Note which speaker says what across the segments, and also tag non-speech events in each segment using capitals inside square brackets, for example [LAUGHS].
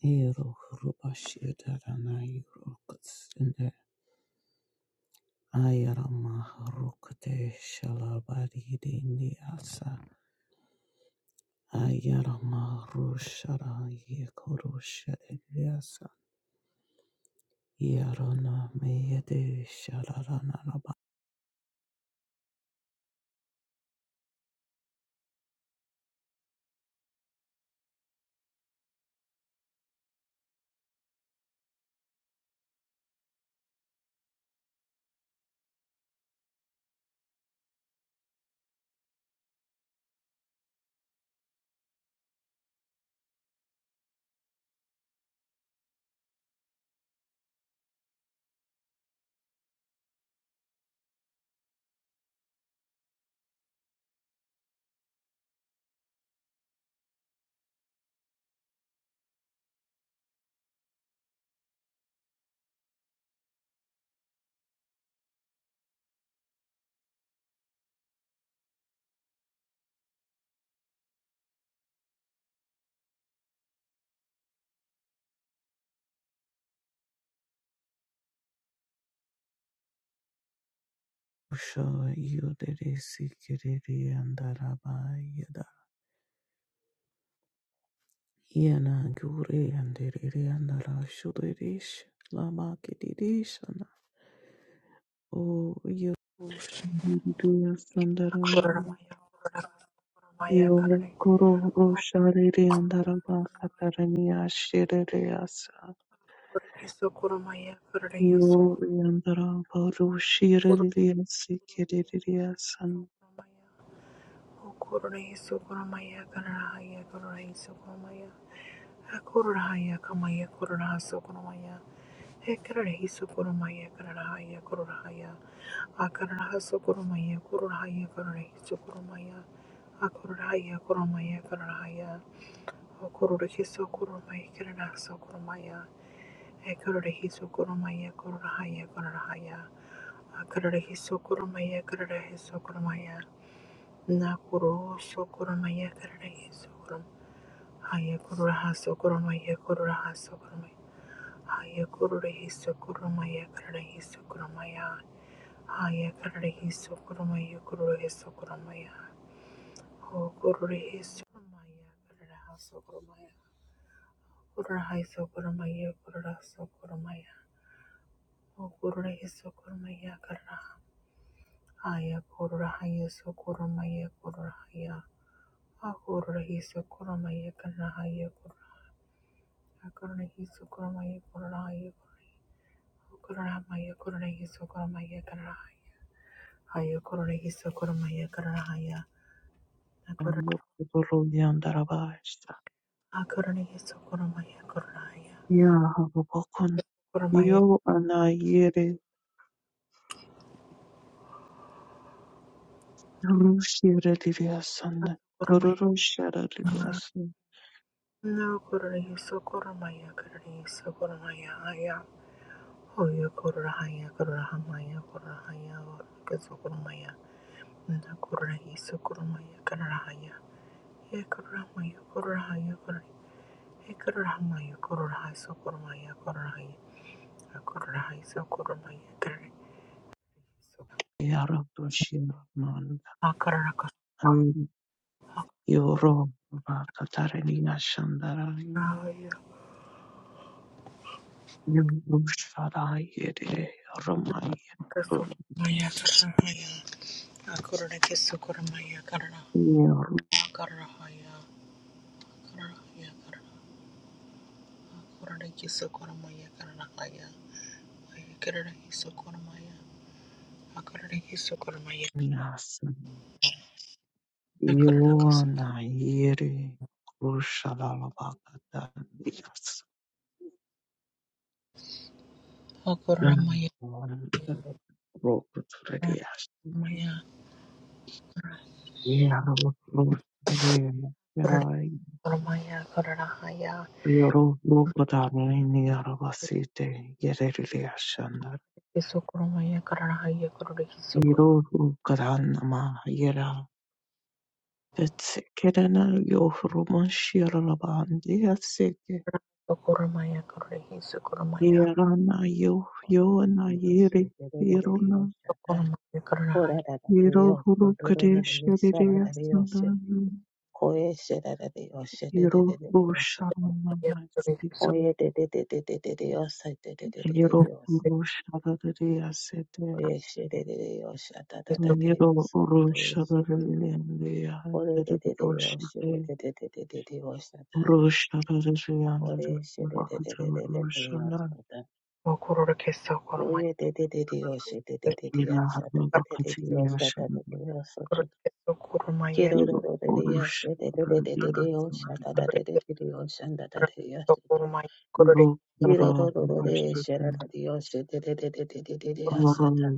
Speaker 1: Ero Rubashidarana Yurokuts in the Ayarama Rukate Shalabadi Niasa Ayarama Rushara Yekurusha Eliasa Yarana Meyade Shalarana Raba Rusha Yudere Sikiri and Raba Yada Yana Guri and Diri and Rashudirish Lama Kidirish and Ushadiriya Sandarama
Speaker 2: Kuramaya, Kuramaya, Kuramaya,
Speaker 1: Yo
Speaker 2: Karare,
Speaker 1: guru shariri andarada katarani ashiriri asa.
Speaker 2: Kurukiso, Kuramaya, Kararehiso,
Speaker 1: Yo yandara baru
Speaker 2: Kuramaya,
Speaker 1: shiriri asi kiriri asan.
Speaker 2: Kuramaya, Kurukiso, Kuramaya, Karahaya, Kararehiso, Kuramaya, Kurahaya, Kamaya, Kurahaso, Kuramaya, Ekararehiso, Kuramaya, Karahaya, Kurahaya, Akarahaso, Kuramaya, Kurahaya, Kararehiso, Kuramaya, Akurahaya, Kuramaya, Karahaya, Kororoshi sokoromai kirana sokoromaya. Ekororoshi sokoromaya kororahaya kororahaya. Akororoshi sokoromaya kororoshi sokoromaya. Nakoro sokoromaya kororoshi sokorom. Haya kororaha sokoromaya kororaha sokoromaya. Haya kororoshi sokoromaya kororoshi sokoromaya. Haya kororoshi sokoromaya kororoshi sokoromaya. Ho kororoshi sokoromaya kororoha sokoromaya. Kurahai sokurumaya kurura sokurumaya. O kururahi sokurumaya kara. Aya kururahaya sokurumaya kururahaya. A kururahi sokurumaya karahaya kururahaya. Kururahi sokurumaya kururahaya kururahi. O kururahaya kururahi sokurumaya karahaya. Aya kururahi sokurumaya karahaya. Na kurur-
Speaker 1: Yo guru yandara basta.
Speaker 2: A kururahi sokurumaya kururahaya.
Speaker 1: Ya hava bakun.
Speaker 2: Kurumaya
Speaker 1: Yo ana yere guru shiriri asan.
Speaker 2: kurumaya.
Speaker 1: Guru shariri asan.
Speaker 2: No kururahi sokurumaya kururahi sokurumaya aya. Hoya Korahaya Korahamaya Korahaya Kazokoromaya Nakorahi Sokoromaya Karahaya Ekoramaya Korahaya Ekoramaya Korahai Sokoromaya Korahaya Akorahai Sokoromaya Karahaya
Speaker 1: Ya rabbi shirman.
Speaker 2: Akarakasorahaya
Speaker 1: Yo ro ba katarani ashandara. Yerushalayim, Ramayim,
Speaker 2: Kasokoromaya
Speaker 1: Rus,
Speaker 2: Karahaya Akoraki Sokoromaya Karahaya Akarahaya Karahaya Karahaya Akoraki Sokoromaya Karahaya Ekarahi Sokoromaya akarareki sokoromaya
Speaker 1: Yerunias,
Speaker 2: akararakas
Speaker 1: Yona, Yeri, Rushalalabakadanias,
Speaker 2: akoromaya
Speaker 1: Rokutrias,
Speaker 2: maya
Speaker 1: Yerus, Yerai,
Speaker 2: koromaya kararahaya
Speaker 1: Yeru, Rukadani, Yeravasite, Yeriliashan,
Speaker 2: akarareki sokoromaya kararahaya akarareki sokor
Speaker 1: Yeru, Rukadanama, Vetsekirana yo Romanshirabandi Aseke
Speaker 2: sokoromaya akarareki sokoromaya
Speaker 1: Irana yo
Speaker 3: Oye, de de
Speaker 1: Yona
Speaker 3: de Dios, de
Speaker 1: Yiri
Speaker 3: de de
Speaker 1: Irona
Speaker 3: Dios,
Speaker 2: sokoromaya kararahaya
Speaker 1: Yiro
Speaker 3: de de de
Speaker 1: Hurukadeshiriya
Speaker 3: Dios,
Speaker 1: Sundana Yiro
Speaker 2: akarareki sokoromaya
Speaker 1: Rushanamasite Yiro Rushadariya Sete
Speaker 3: de
Speaker 1: Yiro Rushadariya Rushade Rushadariya Rushadariya
Speaker 3: de
Speaker 1: Rushadariya
Speaker 3: de
Speaker 2: sokororeki sokoromaya akarareki
Speaker 1: Rushadariya
Speaker 3: Dios,
Speaker 2: sokoromaya
Speaker 3: Kilo ro
Speaker 1: Yellow
Speaker 3: ro ro de de
Speaker 1: orange
Speaker 3: ya she de de de de de de yo sha da da de
Speaker 2: akarareki
Speaker 3: de de de yo sha da da de ya shito.
Speaker 2: sokoromaya akarareki sokoromaya sokoromaya sokoromaya akarareki
Speaker 3: Kilo ro ro ro de she da da yo she de de de de de de de ya sha ta.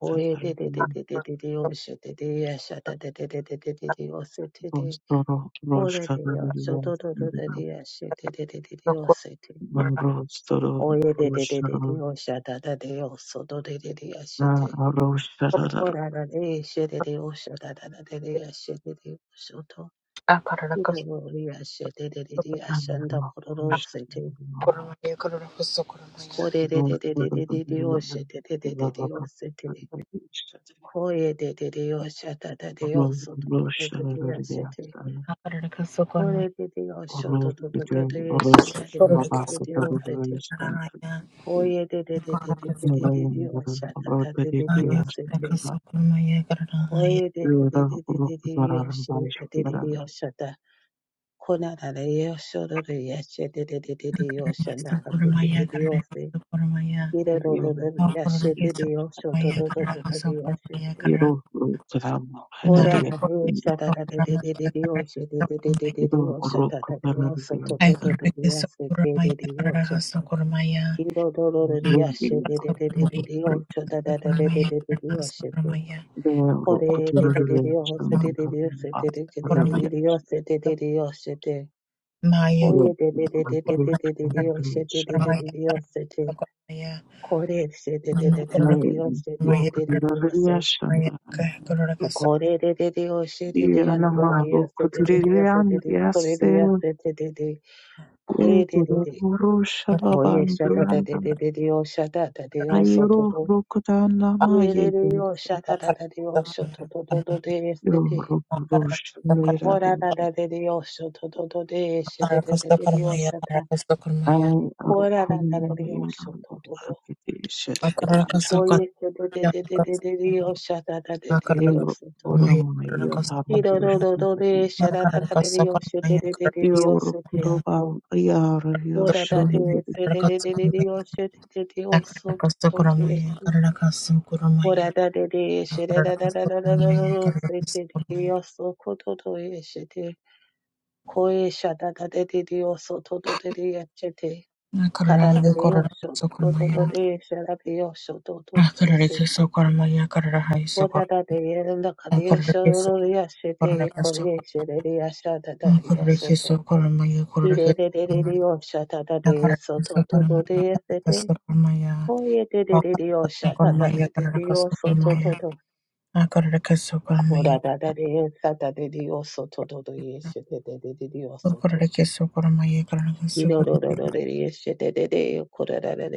Speaker 3: Oh ye de de de de de de yo she de de ya sha da da de de de de yo shito. Oh ye de ya sho do do do de ya she de de de de de yo shito. Oh ye de de de de de yo sha da da de yosho do de ya she de de yo shito. Oh ye de ya sho do do do de ya she de yosha da da da de de yashe de de yo shito.
Speaker 2: sokoromaya akarareki
Speaker 3: Kirorori
Speaker 2: sokoromaya
Speaker 3: asherererere ashanda kororosete
Speaker 1: Roshada,
Speaker 2: Koromaya, kororokoso, koromaya.
Speaker 3: orererererere oshetererere osete koyerere oshatadade osototototete ashete
Speaker 2: Akarorokoso, koromaya.
Speaker 3: korerere
Speaker 1: arose
Speaker 3: oshototototete
Speaker 1: between arose Nova
Speaker 2: Kororokoso,
Speaker 3: eshetererere osete
Speaker 1: Protagoras and
Speaker 2: koromaya. Kororokoso,
Speaker 3: koyererererere
Speaker 1: Narayana about the
Speaker 3: oshatadadede
Speaker 2: koromaya.
Speaker 1: Tiras
Speaker 3: osete
Speaker 2: Kororokoso, koromaya. Kororahaya.
Speaker 1: Yura
Speaker 3: koyererererere
Speaker 1: Rukutaran by Shiran
Speaker 3: oshetererere
Speaker 2: Kororokoso, koromaya. Kororokoso, koromaya. Kororokoso, koromaya. Kororokoso, koromaya. Kororahaya.
Speaker 1: Yiro Kram
Speaker 2: Naya,
Speaker 1: Harari
Speaker 2: kororokoso, koromaya. Kororokoso, koromaya. Ay, kororokoso, koromaya. Kororokoso, koromaya. Kororokoso,
Speaker 1: Yiro Rukutaran and
Speaker 3: これででででよせでででよせでででででよせでででよせで
Speaker 1: Lumbin
Speaker 2: koromaya. Kororokoso, koromaya.
Speaker 1: the
Speaker 2: Kororokoso,
Speaker 1: Rukutaran
Speaker 2: koromaya.
Speaker 1: and Harari
Speaker 2: Sokoramaya, Sokoramaya,
Speaker 3: Oye,
Speaker 1: Yiro
Speaker 3: de de de de de de
Speaker 2: Sokoramaya,
Speaker 3: de de
Speaker 2: Sokoramaya,
Speaker 3: Dios, she de de de
Speaker 1: Rukutaran
Speaker 2: Sokoramaya, Sokoramaya,
Speaker 3: de Dios, she de
Speaker 2: Sokoramaya,
Speaker 3: Kore, she de de de de de
Speaker 2: Sokoramaya,
Speaker 3: Dios, she de de de de Dios, she
Speaker 1: Lokutoriashanda
Speaker 2: Sokoramaya,
Speaker 3: Kore de de Dios, she de de Dios,
Speaker 1: irana
Speaker 3: no Kore Dios,
Speaker 1: maboko
Speaker 3: she de de Dios, she de de Kore
Speaker 1: turirirambirase
Speaker 3: Dios, she de de de Kore
Speaker 1: rwego
Speaker 3: de de de
Speaker 1: rworosha
Speaker 3: Kore, she da da
Speaker 1: rabandurana
Speaker 3: de de de Dios, she da da de Dios, so
Speaker 1: ayiro
Speaker 3: to to
Speaker 1: rokotana
Speaker 3: Kire de de Dios,
Speaker 1: mayegerese
Speaker 3: she da da da de Dios, so to to to to
Speaker 2: Sokoramaya,
Speaker 3: de she de
Speaker 1: yororosha neraro
Speaker 3: de Dios, so to to to de de de
Speaker 2: Akaraka Sokoramaya, Akaraka Sokoramaya, Akaraka Sokoramaya, Akaraka
Speaker 3: de Dios,
Speaker 2: Sokoramaya,
Speaker 3: she da
Speaker 2: Akaraka Sokoramaya,
Speaker 1: ay arokunna
Speaker 3: de Dios, so
Speaker 1: bayingando
Speaker 3: to to
Speaker 1: akiteshereas
Speaker 3: Koye
Speaker 1: yero orama yatamdosha
Speaker 2: Akaraka Sokoramaya,
Speaker 1: yoro kutoba yaro yoshoro
Speaker 2: Akaraka Sokoramaya,
Speaker 3: ye
Speaker 2: Akarakasokoramaya,
Speaker 3: shete.
Speaker 2: Karanakasokoramaya, Akarakasokoramaya, Karanakasokoramaya,
Speaker 3: so
Speaker 2: Akarakasokoramaya, Karanakasokoramaya, Akarakasokoramaya,
Speaker 3: オラダでエルダカリエショロリアシェデイコリエシェレリアシャダダリオソト。ヒレレレレリオシャダダデイソトトトデイセデイ。コイエデレレリオシャダダデデリオソトトト。コラダダデイサダデリオソトトトイエシェデデデデリオソト。ヒロロロロレリエシェデデデイコラダダデリオソトトトデイセデイ。キレデデデデデリオシェデデリアシャダダダダダダダリアシェデイ。
Speaker 2: Karanakasokoramaya, Akarakasokoramaya, Karanakasokoramaya, Karanakasokoramaya, Akarakasokoramaya, Karanakasokoramaya, Akarakasokoramaya, Karanakasokoramaya, Akarakasokoramaya, Karanakasokoramaya, Karanakasokoramaya,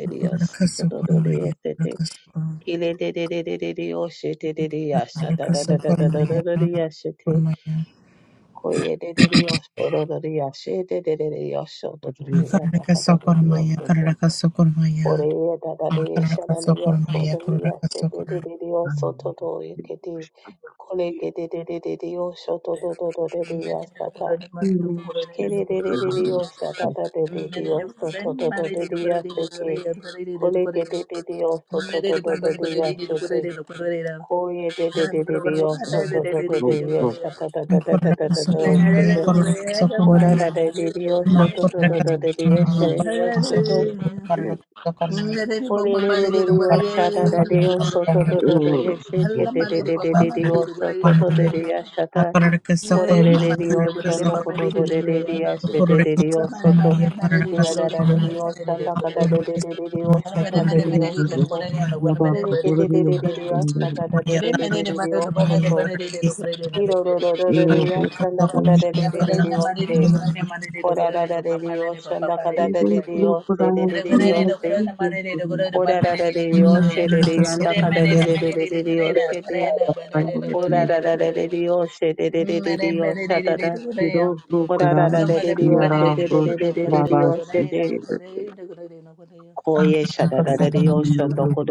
Speaker 2: Akarakasokoromaya, akarakasokoromaya, akarakasokoromaya,
Speaker 3: Ko ye de de de de yo shu de de de yo xie de de de de yo shu de de de yo da ka da de de yo
Speaker 2: akarakasokoromaya, akarakasokoromaya,
Speaker 3: shu de,
Speaker 2: akarakasokoromaya, akarakasokoromaya,
Speaker 3: wo de
Speaker 2: akarakasokoromaya,
Speaker 3: ye da da de xia da de yo shu
Speaker 2: akarakasokoromaya,
Speaker 3: de ye xie de de de de yo
Speaker 1: Quiero
Speaker 3: shu de de de de ye ke de, ko le ke de de de de yo shu
Speaker 4: Hallelujah.
Speaker 3: de de de de de de ye xia ta ke de de de de yo xia da da de de de yo shu de de de de ye xie ke ko le ke de de de de yo shu de de de de de de ye xie de ko ye de de de de de yo shu de de de de ye xia da da da da da da da da xie
Speaker 2: akarakasokoromaya,
Speaker 3: de. Kora
Speaker 2: akarakasokoromaya,
Speaker 3: da
Speaker 2: akarakasokoromaya, akarakasokoromaya, akarakasokoromaya,
Speaker 3: da de Dios, soto to to to de Dios, de Dios soto. Kore de de de Dios, shada da
Speaker 2: akarakasokoromaya,
Speaker 3: Dios, soto to to to yeshe ke de Dios, que de de de
Speaker 2: akarakasokoromaya, akarakasokoromaya,
Speaker 3: de Dios,
Speaker 2: akarakasokoromaya,
Speaker 3: soto to de Dios, shata. Kore de de Dios, shondo koto to de de Dios, she de de Dios soto. Kira da da de
Speaker 2: akarakasokoromaya,
Speaker 3: Dios, shanda
Speaker 2: Thank
Speaker 3: kata de de de de Dios, shata de Dios soto. Lele ke de de de de Dios, shata da de de de de de Dios soto. Iro ro ro ro
Speaker 4: Mane
Speaker 3: de Dios, shanda kata de de de de Dios, she. コラララレリオシャンダカダレリオセレレリオセコラララレリオシェレリアンダカダレレレリオシェレコラララレリオシェレレレリオシャダダコラララレリオシェレレレレリオシェレコイエシャダラレリオシャンドコドレリアシェレレリオシェレコラララレリオシャドドドドリアシェレキレレレレリオソドドドドリアシャダダダダド
Speaker 4: Mere mere ne ne ne ne ne ya.
Speaker 1: lograr
Speaker 4: Hello mere bamba
Speaker 1: enviar
Speaker 4: ne ne
Speaker 1: a
Speaker 4: ne ne ne ne
Speaker 1: los
Speaker 4: ne ne ne
Speaker 1: lavas
Speaker 4: ne ne ne ne ne ne ya.
Speaker 1: Yarra Miro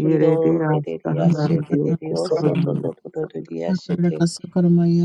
Speaker 3: Iro de de de ashe de de de oso to to to to to de ashe te.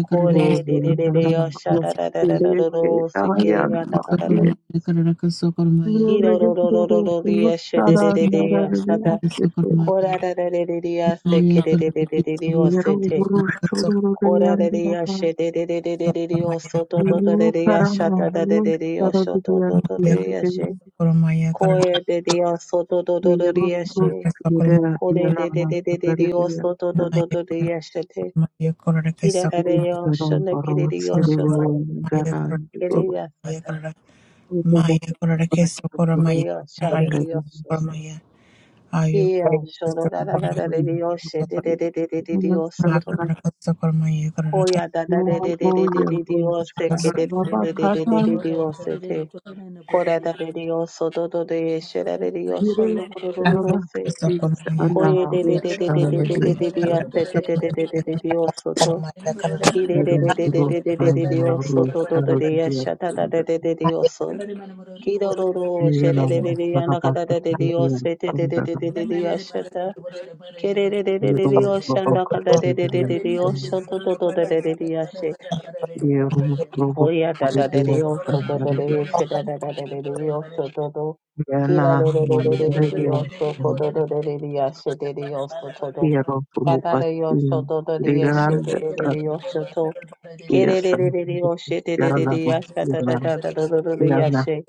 Speaker 3: Kore de de de de osha da da da
Speaker 2: you.
Speaker 3: da da da ro se ke re ga da ga da da.
Speaker 2: Sokoromaya Karaka Sokoromaya
Speaker 3: Iro ro ro ro ro ro de ashe de de de de asha da.
Speaker 2: Sokoromaya
Speaker 3: Kora
Speaker 2: Karaka
Speaker 3: da da de de de
Speaker 2: Sokoromaya
Speaker 3: ashe
Speaker 2: Naya
Speaker 3: ke de de
Speaker 2: Karaka
Speaker 3: de de de de ose
Speaker 2: Sokoromaya
Speaker 3: te.
Speaker 2: Karaka
Speaker 1: urusho
Speaker 3: Kora de de
Speaker 1: ruriyandira,
Speaker 3: ashe de de de de de de de oso to
Speaker 2: Sokoromaya
Speaker 3: to to de
Speaker 1: yuru
Speaker 3: de asha
Speaker 1: karama
Speaker 3: da da de de de osho to
Speaker 1: urushara
Speaker 3: to to de ashe.
Speaker 2: Sokoromaya Karaka
Speaker 3: Koe de de oso to to to de ashe.
Speaker 1: Iyarukuruira
Speaker 2: Sokoromaya
Speaker 3: Ko de de de
Speaker 1: iyarara
Speaker 3: de de de de yo
Speaker 1: kakaririya
Speaker 3: soto de de de
Speaker 2: Naya
Speaker 3: de de
Speaker 2: Karaka
Speaker 3: de yo soto.
Speaker 2: Sokoromaya Karaka
Speaker 3: Kila la le
Speaker 2: Sokoromaya
Speaker 3: yo
Speaker 1: iyarara
Speaker 3: shona kila de
Speaker 1: barotse
Speaker 3: yo soto
Speaker 2: Karaka
Speaker 1: barengera
Speaker 3: kila ya sada
Speaker 1: ibo
Speaker 2: Maya Karaka
Speaker 3: kila
Speaker 1: bakuri
Speaker 2: Sokoromaya
Speaker 3: ya shala
Speaker 2: Haya
Speaker 1: bandari
Speaker 3: yo soto.
Speaker 2: Sokoromaya Ayu
Speaker 3: Kila yo shona la la la la
Speaker 2: Sokoromaya
Speaker 3: le yo soto de de de de de de de yo
Speaker 2: Thank
Speaker 3: soto. Koi ya da da de de de de de
Speaker 1: uya
Speaker 3: de de yo se
Speaker 1: ushara
Speaker 3: k de de
Speaker 4: Mere
Speaker 3: de de
Speaker 4: mere ne
Speaker 3: de
Speaker 1: babakata
Speaker 3: de de yo
Speaker 4: koro koro
Speaker 3: se
Speaker 4: ne
Speaker 3: te.
Speaker 4: ne koro ne ne koro ne
Speaker 3: Kola da de yo soto de de de
Speaker 4: ne.
Speaker 3: de
Speaker 4: Mere
Speaker 3: de de de
Speaker 4: mere
Speaker 3: yo
Speaker 4: ne
Speaker 3: se
Speaker 4: koro
Speaker 1: iri
Speaker 3: te de de de
Speaker 4: ne
Speaker 1: rabakatisa ana ushara bagenda samba
Speaker 3: de de de de yo soto. Ki de de
Speaker 1: iri
Speaker 3: de de de
Speaker 1: ro
Speaker 3: de de de de de
Speaker 1: bana
Speaker 3: yo so
Speaker 1: ro
Speaker 3: do do do de yasha da da da de de de yo so ki lo lo lo she
Speaker 1: Yana
Speaker 3: de de de de ana ka da da de yo
Speaker 1: Prabhakatiriya
Speaker 3: so de de de de
Speaker 1: Sundaram
Speaker 3: de de
Speaker 4: koro
Speaker 3: yasha da
Speaker 4: ne
Speaker 3: ki de
Speaker 4: ne ya
Speaker 3: de de de de
Speaker 1: Yero
Speaker 3: yo
Speaker 4: mana.
Speaker 3: so ana ka da de de de
Speaker 1: Prabhakatiriya
Speaker 3: de yo so do do do da de de yasha
Speaker 1: Yero
Speaker 3: hoya da da de de
Speaker 1: Prabhakatiriya
Speaker 3: yo so do do de
Speaker 1: Sundaram
Speaker 3: yasha da da da de de yo so do do ki la
Speaker 1: Yana
Speaker 3: de de de de de de
Speaker 1: Mandaria
Speaker 3: yo so ko do do de de yasha de de yo so do do
Speaker 1: Yero
Speaker 3: ka da de yo so
Speaker 1: Prabhakatiriya
Speaker 3: do do de yasha de
Speaker 1: Riranda
Speaker 3: de de de yo so do. Ke
Speaker 1: Sandiya
Speaker 3: de de de de
Speaker 1: Sandaram
Speaker 3: de o she de de de
Speaker 1: Yarala
Speaker 3: de ya sha da da
Speaker 1: Yana
Speaker 3: da da da da da da ya
Speaker 1: Yana
Speaker 3: she.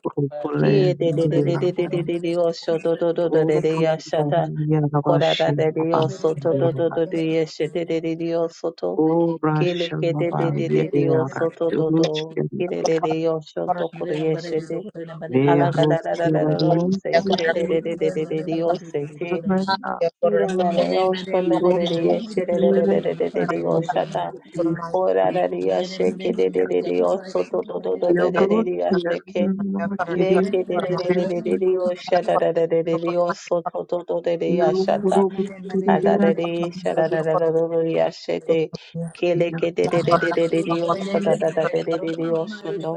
Speaker 3: Ki e
Speaker 1: Prokole
Speaker 3: de de de de
Speaker 1: Yana
Speaker 3: de de de
Speaker 1: Prabhakatiriya
Speaker 3: de de o sho do do do do de de ya sha da.
Speaker 1: Yana
Speaker 3: Ko da da
Speaker 1: Vashi
Speaker 3: de de
Speaker 1: Mabha
Speaker 3: o so do do do
Speaker 1: Yana
Speaker 3: do de ye she de de de de o so to.
Speaker 1: O
Speaker 3: Ke le
Speaker 1: Rasha
Speaker 3: ke de de
Speaker 1: Mabha
Speaker 3: de de
Speaker 1: Yere
Speaker 3: de o
Speaker 1: Yara
Speaker 3: so to do do. Ki de
Speaker 4: Thank you.
Speaker 3: de de o sho do ko
Speaker 4: Thank
Speaker 3: de ye she de.
Speaker 1: Thank you.
Speaker 3: Hala ga da da da da da da o se te de de de de de de de o se te. Ira na de o sho no ko de de ye she de de de de de de de de o sha da. Koraria shake dedeo soto do do do dedea seke leke dedeo shata dedeo soto do do dedea shata adadede shata dadadadea shete keleke dedeo shata dadadadeo shundo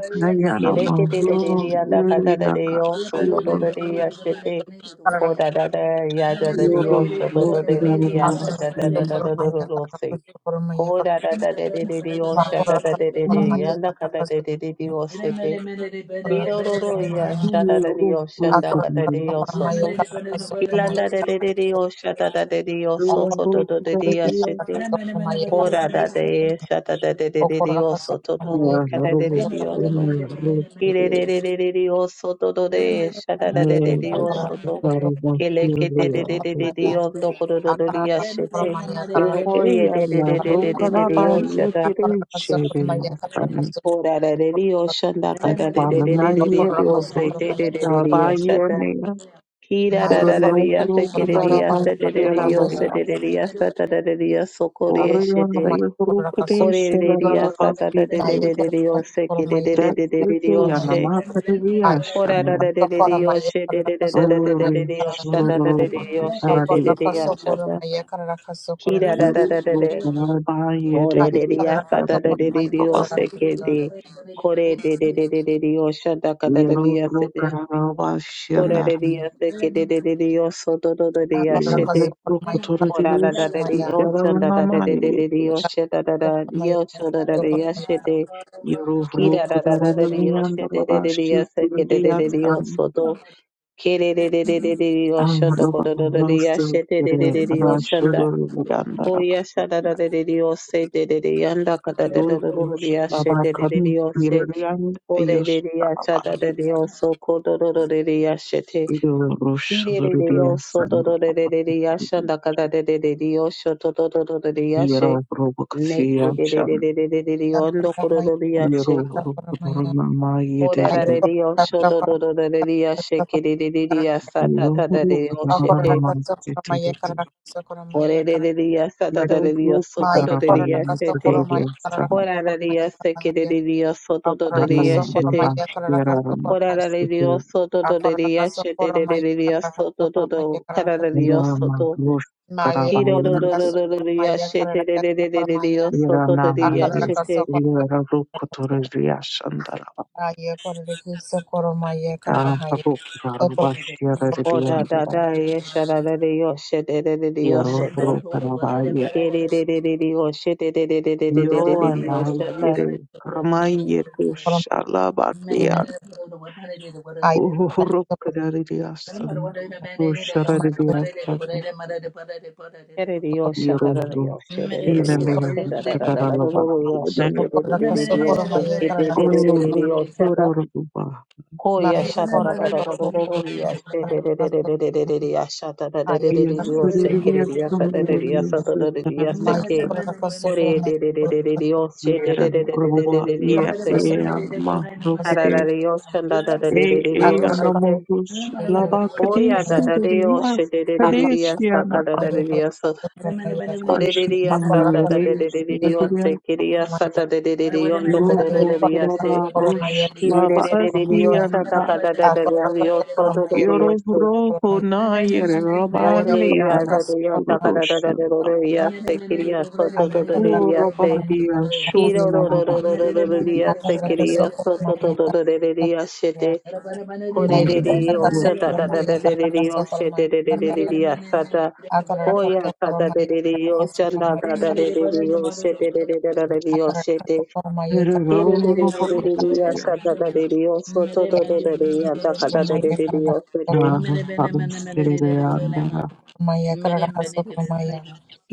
Speaker 3: keleke dedea da de kata dedeo soto do dedea shete
Speaker 4: you.
Speaker 3: Koda da da ya
Speaker 4: Thank
Speaker 3: da de de oso to to de de de ashata da da da da da da da se Ko da da da de de de de o sha da da de de de yanda ka da de de de de o se te. Iro ro ro ya sha da da de o
Speaker 2: Akorda
Speaker 3: shanda ka da de o so to. Kilanda de de de de o sha da da de de o so ko do do de de ya she te. Ko da da de e sha da da de de de de
Speaker 4: you.
Speaker 3: o so to do
Speaker 1: Yeah,
Speaker 3: ka da de
Speaker 1: Robo
Speaker 3: de de o so.
Speaker 1: Stormy, Robo
Speaker 3: Ire
Speaker 1: Stormy,
Speaker 3: de de de de de o so do do de e sha da da de de
Speaker 1: Man,
Speaker 3: de o
Speaker 1: Robo
Speaker 3: so to. Kele
Speaker 1: Stormy,
Speaker 3: ke de de de
Speaker 1: Robo
Speaker 3: de de de o ndo
Speaker 1: Stormy.
Speaker 3: ko do do do de ya she te.
Speaker 1: Yeah,
Speaker 3: Oye
Speaker 1: yeah,
Speaker 3: de de
Speaker 1: na
Speaker 3: de de de
Speaker 1: Roka
Speaker 3: de de
Speaker 1: na
Speaker 3: de
Speaker 1: ba
Speaker 3: o sha da.
Speaker 1: yetiri shiri na tan.
Speaker 3: Ora da de dio shanda kada de
Speaker 1: Akbar
Speaker 3: de de de
Speaker 1: na
Speaker 4: Thank
Speaker 3: de de
Speaker 1: yeti
Speaker 3: dio
Speaker 1: Robo
Speaker 3: se te de de de
Speaker 1: ya ba
Speaker 3: dia shata.
Speaker 1: yene na
Speaker 3: Kira da da da
Speaker 1: Korono
Speaker 3: dia se
Speaker 1: Robo
Speaker 3: ke de dia
Speaker 1: darabas
Speaker 3: se de de de
Speaker 1: yera
Speaker 3: dio se de
Speaker 1: lerias.
Speaker 3: de dia sata da de dia so kore e
Speaker 1: Orion, da
Speaker 3: shete.
Speaker 1: yo Robo de
Speaker 3: Kore de
Speaker 1: shira
Speaker 3: dia
Speaker 1: darabas
Speaker 3: sata da de de
Speaker 1: yeti.
Speaker 3: de de dio se ke de de de
Speaker 1: That's
Speaker 3: de de
Speaker 1: it,
Speaker 3: de dio
Speaker 1: yeah, na
Speaker 3: she.
Speaker 1: ma
Speaker 2: Ay,
Speaker 1: kariya
Speaker 3: Kora da
Speaker 1: shano.
Speaker 3: da
Speaker 2: paso
Speaker 3: de de
Speaker 2: por
Speaker 3: dio
Speaker 2: maya
Speaker 3: she de
Speaker 2: carra
Speaker 3: de de
Speaker 2: paso
Speaker 3: de de
Speaker 2: por
Speaker 3: de de
Speaker 2: maya
Speaker 3: de
Speaker 1: Orion
Speaker 3: dio
Speaker 2: carra
Speaker 1: shira
Speaker 3: shata da de de dio she
Speaker 2: por
Speaker 3: de
Speaker 1: darabas
Speaker 3: de
Speaker 2: la
Speaker 3: dia
Speaker 2: paso por
Speaker 3: shata.
Speaker 2: maya carra paso por
Speaker 3: Kira da
Speaker 2: maya
Speaker 3: da
Speaker 1: Yellow
Speaker 3: da
Speaker 1: rope
Speaker 3: da
Speaker 1: by
Speaker 3: Mo
Speaker 1: it Yellow
Speaker 3: re
Speaker 2: ay
Speaker 3: de de ya
Speaker 2: carra
Speaker 3: sa
Speaker 2: paso
Speaker 3: da da
Speaker 2: por
Speaker 3: de de
Speaker 2: maya
Speaker 3: de o
Speaker 2: carra
Speaker 3: se ke
Speaker 2: paso
Speaker 3: de. Ko re de de de de de de o sha da ka da de de ya se
Speaker 1: rope
Speaker 3: de. Ko ra
Speaker 1: Shana
Speaker 3: de de ya se ke de de de de o so do do do de
Speaker 2: ah
Speaker 3: ya
Speaker 2: por la
Speaker 3: she
Speaker 1: Yellow
Speaker 3: de.
Speaker 2: paso por
Speaker 1: rope
Speaker 2: maya carra
Speaker 3: Ko ra
Speaker 2: paso
Speaker 3: da
Speaker 1: Torodius
Speaker 3: da
Speaker 2: por
Speaker 3: de de
Speaker 1: is
Speaker 2: maya
Speaker 3: o sha da da de
Speaker 1: Yaranama
Speaker 3: de de de de o
Speaker 1: Yetus.
Speaker 2: paso
Speaker 3: she da da da
Speaker 2: por
Speaker 3: ye
Speaker 2: maya
Speaker 3: o so
Speaker 2: carra
Speaker 3: da da
Speaker 2: paso
Speaker 3: de
Speaker 2: por
Speaker 3: ya
Speaker 2: maya
Speaker 3: she de.
Speaker 1: Yellow
Speaker 3: Ki
Speaker 1: rope
Speaker 3: ra da da da de de o
Speaker 1: Taravayan
Speaker 3: she de de de de ya
Speaker 1: Rabashi
Speaker 3: se ke de de
Speaker 1: Tirias
Speaker 3: de de o
Speaker 1: and
Speaker 3: so do. Ke re de de de de de de o sha do ko
Speaker 1: Roba
Speaker 3: do do do de ya
Speaker 1: Rosu
Speaker 3: she de de de de
Speaker 4: you.
Speaker 3: de o sha da.
Speaker 1: Rashulu Yandaraba.
Speaker 3: Koya shada da de de de yo se de de de yanda kada da da
Speaker 1: Yellow
Speaker 3: da da de
Speaker 1: rush
Speaker 3: ya she de de de de
Speaker 1: Labakan
Speaker 3: yo
Speaker 1: Yirian
Speaker 3: o de de
Speaker 1: Yus
Speaker 3: diose ore de ya shada da de yo so ko do do do de de ya te
Speaker 1: Yellow
Speaker 3: ki
Speaker 1: rush
Speaker 3: de de de yo
Speaker 1: Torodius
Speaker 3: so do do de de de de ya
Speaker 1: and
Speaker 3: da kada de de de de yo sho do do do do de de ya
Speaker 1: Yero robo
Speaker 3: ne ke
Speaker 1: kasiam
Speaker 3: de de de
Speaker 1: sham.
Speaker 3: de de de de de yo
Speaker 2: carra
Speaker 3: ndo
Speaker 2: por
Speaker 3: ko do
Speaker 2: maya
Speaker 3: do de
Speaker 2: por
Speaker 3: ya
Speaker 1: Yero
Speaker 3: she
Speaker 2: la
Speaker 1: robo
Speaker 2: por maya
Speaker 1: korona ma
Speaker 3: o da
Speaker 2: ay
Speaker 3: da de
Speaker 1: yederili.
Speaker 2: por
Speaker 3: de yo
Speaker 2: la
Speaker 3: sho
Speaker 2: paso
Speaker 3: do
Speaker 2: por
Speaker 3: do do de de de ya
Speaker 2: paso
Speaker 3: she
Speaker 2: por
Speaker 3: ke de de de de
Speaker 2: carra
Speaker 3: ya ta
Speaker 1: Yero
Speaker 3: ta da
Speaker 1: robo
Speaker 3: de yo
Speaker 2: ah por
Speaker 1: korona
Speaker 2: la
Speaker 3: te
Speaker 1: ma
Speaker 2: paso por maya
Speaker 1: yederili.
Speaker 2: carra paso por
Speaker 3: o
Speaker 2: maya
Speaker 3: de de
Speaker 2: carra
Speaker 3: de de ya sa ta
Speaker 1: Yero
Speaker 3: ta de de yo
Speaker 1: robo
Speaker 3: so ko
Speaker 2: maya
Speaker 3: do
Speaker 1: korona
Speaker 3: de
Speaker 1: ma
Speaker 2: por
Speaker 3: de
Speaker 2: la
Speaker 3: ya
Speaker 2: paso por maya
Speaker 1: yederili. Sam.
Speaker 2: carra paso por
Speaker 3: Corararia
Speaker 2: maya
Speaker 3: sekereria
Speaker 1: Aru
Speaker 3: sototoria
Speaker 2: Akararakaso
Speaker 1: roba
Speaker 3: shete.
Speaker 2: koramaya kararakaso
Speaker 1: yeraram.
Speaker 2: koramaya
Speaker 1: Istutu
Speaker 3: Corararia sototoria
Speaker 2: akararakaso koramaya
Speaker 3: shetereria
Speaker 2: kararakaso koramaya
Speaker 3: sotototo.
Speaker 2: kararakaso
Speaker 3: Carararia
Speaker 2: koramaya
Speaker 1: yerama
Speaker 3: soto.
Speaker 1: glosh
Speaker 2: maya
Speaker 1: karabal.
Speaker 3: todo
Speaker 2: kararakaso
Speaker 3: de
Speaker 2: koramaya
Speaker 3: yeshete de
Speaker 2: kararakaso
Speaker 3: de
Speaker 2: koramaya
Speaker 3: Dios soto todo cara
Speaker 1: Yerana
Speaker 3: de
Speaker 1: ma
Speaker 3: Dios soto shetereria sototoria
Speaker 1: yes.
Speaker 2: akararakaso
Speaker 3: shete.
Speaker 1: Yero
Speaker 2: koramaya
Speaker 1: robo
Speaker 2: kararakaso
Speaker 1: kotoriliya shandaraba.
Speaker 2: aya kararakaso koramaya
Speaker 1: Ya
Speaker 2: kararahaya
Speaker 1: robo korona
Speaker 4: Thank
Speaker 2: akararakaso
Speaker 3: Oda da da yeshararia shetereria
Speaker 1: Yero
Speaker 3: soto.
Speaker 1: robo
Speaker 3: Kiri de de de Dios shete
Speaker 1: Yoan
Speaker 3: Kerererio shetererio shata.
Speaker 1: ayere kamaye
Speaker 2: koramaya
Speaker 1: kushalabatian
Speaker 2: aya
Speaker 1: uhurukaririasan ushaririasan
Speaker 3: Kiri Dios shata la
Speaker 1: yerobo
Speaker 3: Dios shete shatarario
Speaker 1: yenemeyan kataralaban
Speaker 3: shetererio shatarario
Speaker 1: yenen
Speaker 2: akararakaso
Speaker 3: shetererio
Speaker 2: koramaya kararakaso
Speaker 3: shetererio shata.
Speaker 2: koramaya
Speaker 1: ororororoba
Speaker 3: Oh yeah,
Speaker 2: maya
Speaker 3: shada da da da da
Speaker 2: kararakaso
Speaker 3: da da da yeah,
Speaker 2: koramaya kararakaso
Speaker 3: shada da da da da
Speaker 2: Haya
Speaker 3: da da da da yeah, shada da da da da da da oh
Speaker 2: karabasu
Speaker 3: seke da da
Speaker 1: yesuririasan yerobo
Speaker 3: yeah, shada da da yeah, shada da da da yeah,
Speaker 2: maya
Speaker 3: seke.
Speaker 1: yesuririasan
Speaker 2: korakasu
Speaker 3: Ore
Speaker 2: kurana
Speaker 3: da da da da da
Speaker 4: you.
Speaker 3: da
Speaker 2: korakasu
Speaker 3: oh she da da
Speaker 1: yeren
Speaker 3: da da da da
Speaker 1: roba
Speaker 3: da da da
Speaker 4: Thank
Speaker 3: oh
Speaker 1: ye
Speaker 3: se.
Speaker 2: korakasu
Speaker 1: ean
Speaker 2: korakasu
Speaker 3: Ara da
Speaker 1: mahrokete
Speaker 3: da oh shanda da da
Speaker 1: e
Speaker 3: da da da da oh
Speaker 1: ean
Speaker 2: akorakasu
Speaker 3: seke.
Speaker 1: amohus
Speaker 2: karakasu
Speaker 3: Oh yeah, da
Speaker 1: labakadisi
Speaker 2: kurana
Speaker 3: da da oh
Speaker 1: ririas
Speaker 3: she da da da da da yeah,
Speaker 2: akorakasu
Speaker 1: kadesiana
Speaker 3: saka da da da
Speaker 2: kurana
Speaker 3: da yeah, so.
Speaker 2: korakasu kurana
Speaker 3: Kore da da da yeah, shada da da
Speaker 2: akorakasu
Speaker 3: da da
Speaker 1: Ashbahireis
Speaker 3: da da oh
Speaker 1: Rabia
Speaker 3: seke da yeah,
Speaker 2: kurana
Speaker 3: shada da da da da oh ndo kore da
Speaker 2: maya
Speaker 1: Yorofro
Speaker 3: da da yeah
Speaker 2: korakasu
Speaker 3: se.
Speaker 1: Karada
Speaker 2: kurana
Speaker 1: Rosh
Speaker 3: Kiri da
Speaker 2: korakasu
Speaker 3: da da da da oh
Speaker 2: kurana
Speaker 3: shada
Speaker 1: Labasiana
Speaker 3: ka da da da da
Speaker 2: akorakasu kurana korakasu
Speaker 3: oh so
Speaker 2: kurana
Speaker 3: da da
Speaker 2: maya
Speaker 3: da
Speaker 2: korakasu
Speaker 3: yeah.
Speaker 2: kurana
Speaker 1: Yorofroho Nair
Speaker 2: ayo
Speaker 3: Oreya
Speaker 1: Rabaniana
Speaker 3: da
Speaker 2: korakasu
Speaker 3: da ya da ka da da da da da
Speaker 1: Urodoshyana
Speaker 3: da ya se kiriya so to to to de de ya se
Speaker 2: kurana
Speaker 1: Urabahia
Speaker 2: korakasu
Speaker 3: iro ro ro
Speaker 1: Shunaraba
Speaker 3: ro
Speaker 2: kurana
Speaker 3: ro ro ro ro de
Speaker 2: Akara
Speaker 3: ya se kiriya so to
Speaker 4: you.
Speaker 3: to to to de de de ya she de kore
Speaker 1: I
Speaker 3: de de
Speaker 1: am
Speaker 3: yo cho da
Speaker 1: working.
Speaker 3: da da da de de de yo she de de de de de de ya sa da oya ka da de de de yo cha da da da de de de yo she de de de de da de de yo she de kere de de de de de de ya sa da da de de yo so to to to de de ya da ka da de de de de yo se de
Speaker 1: Parusereandara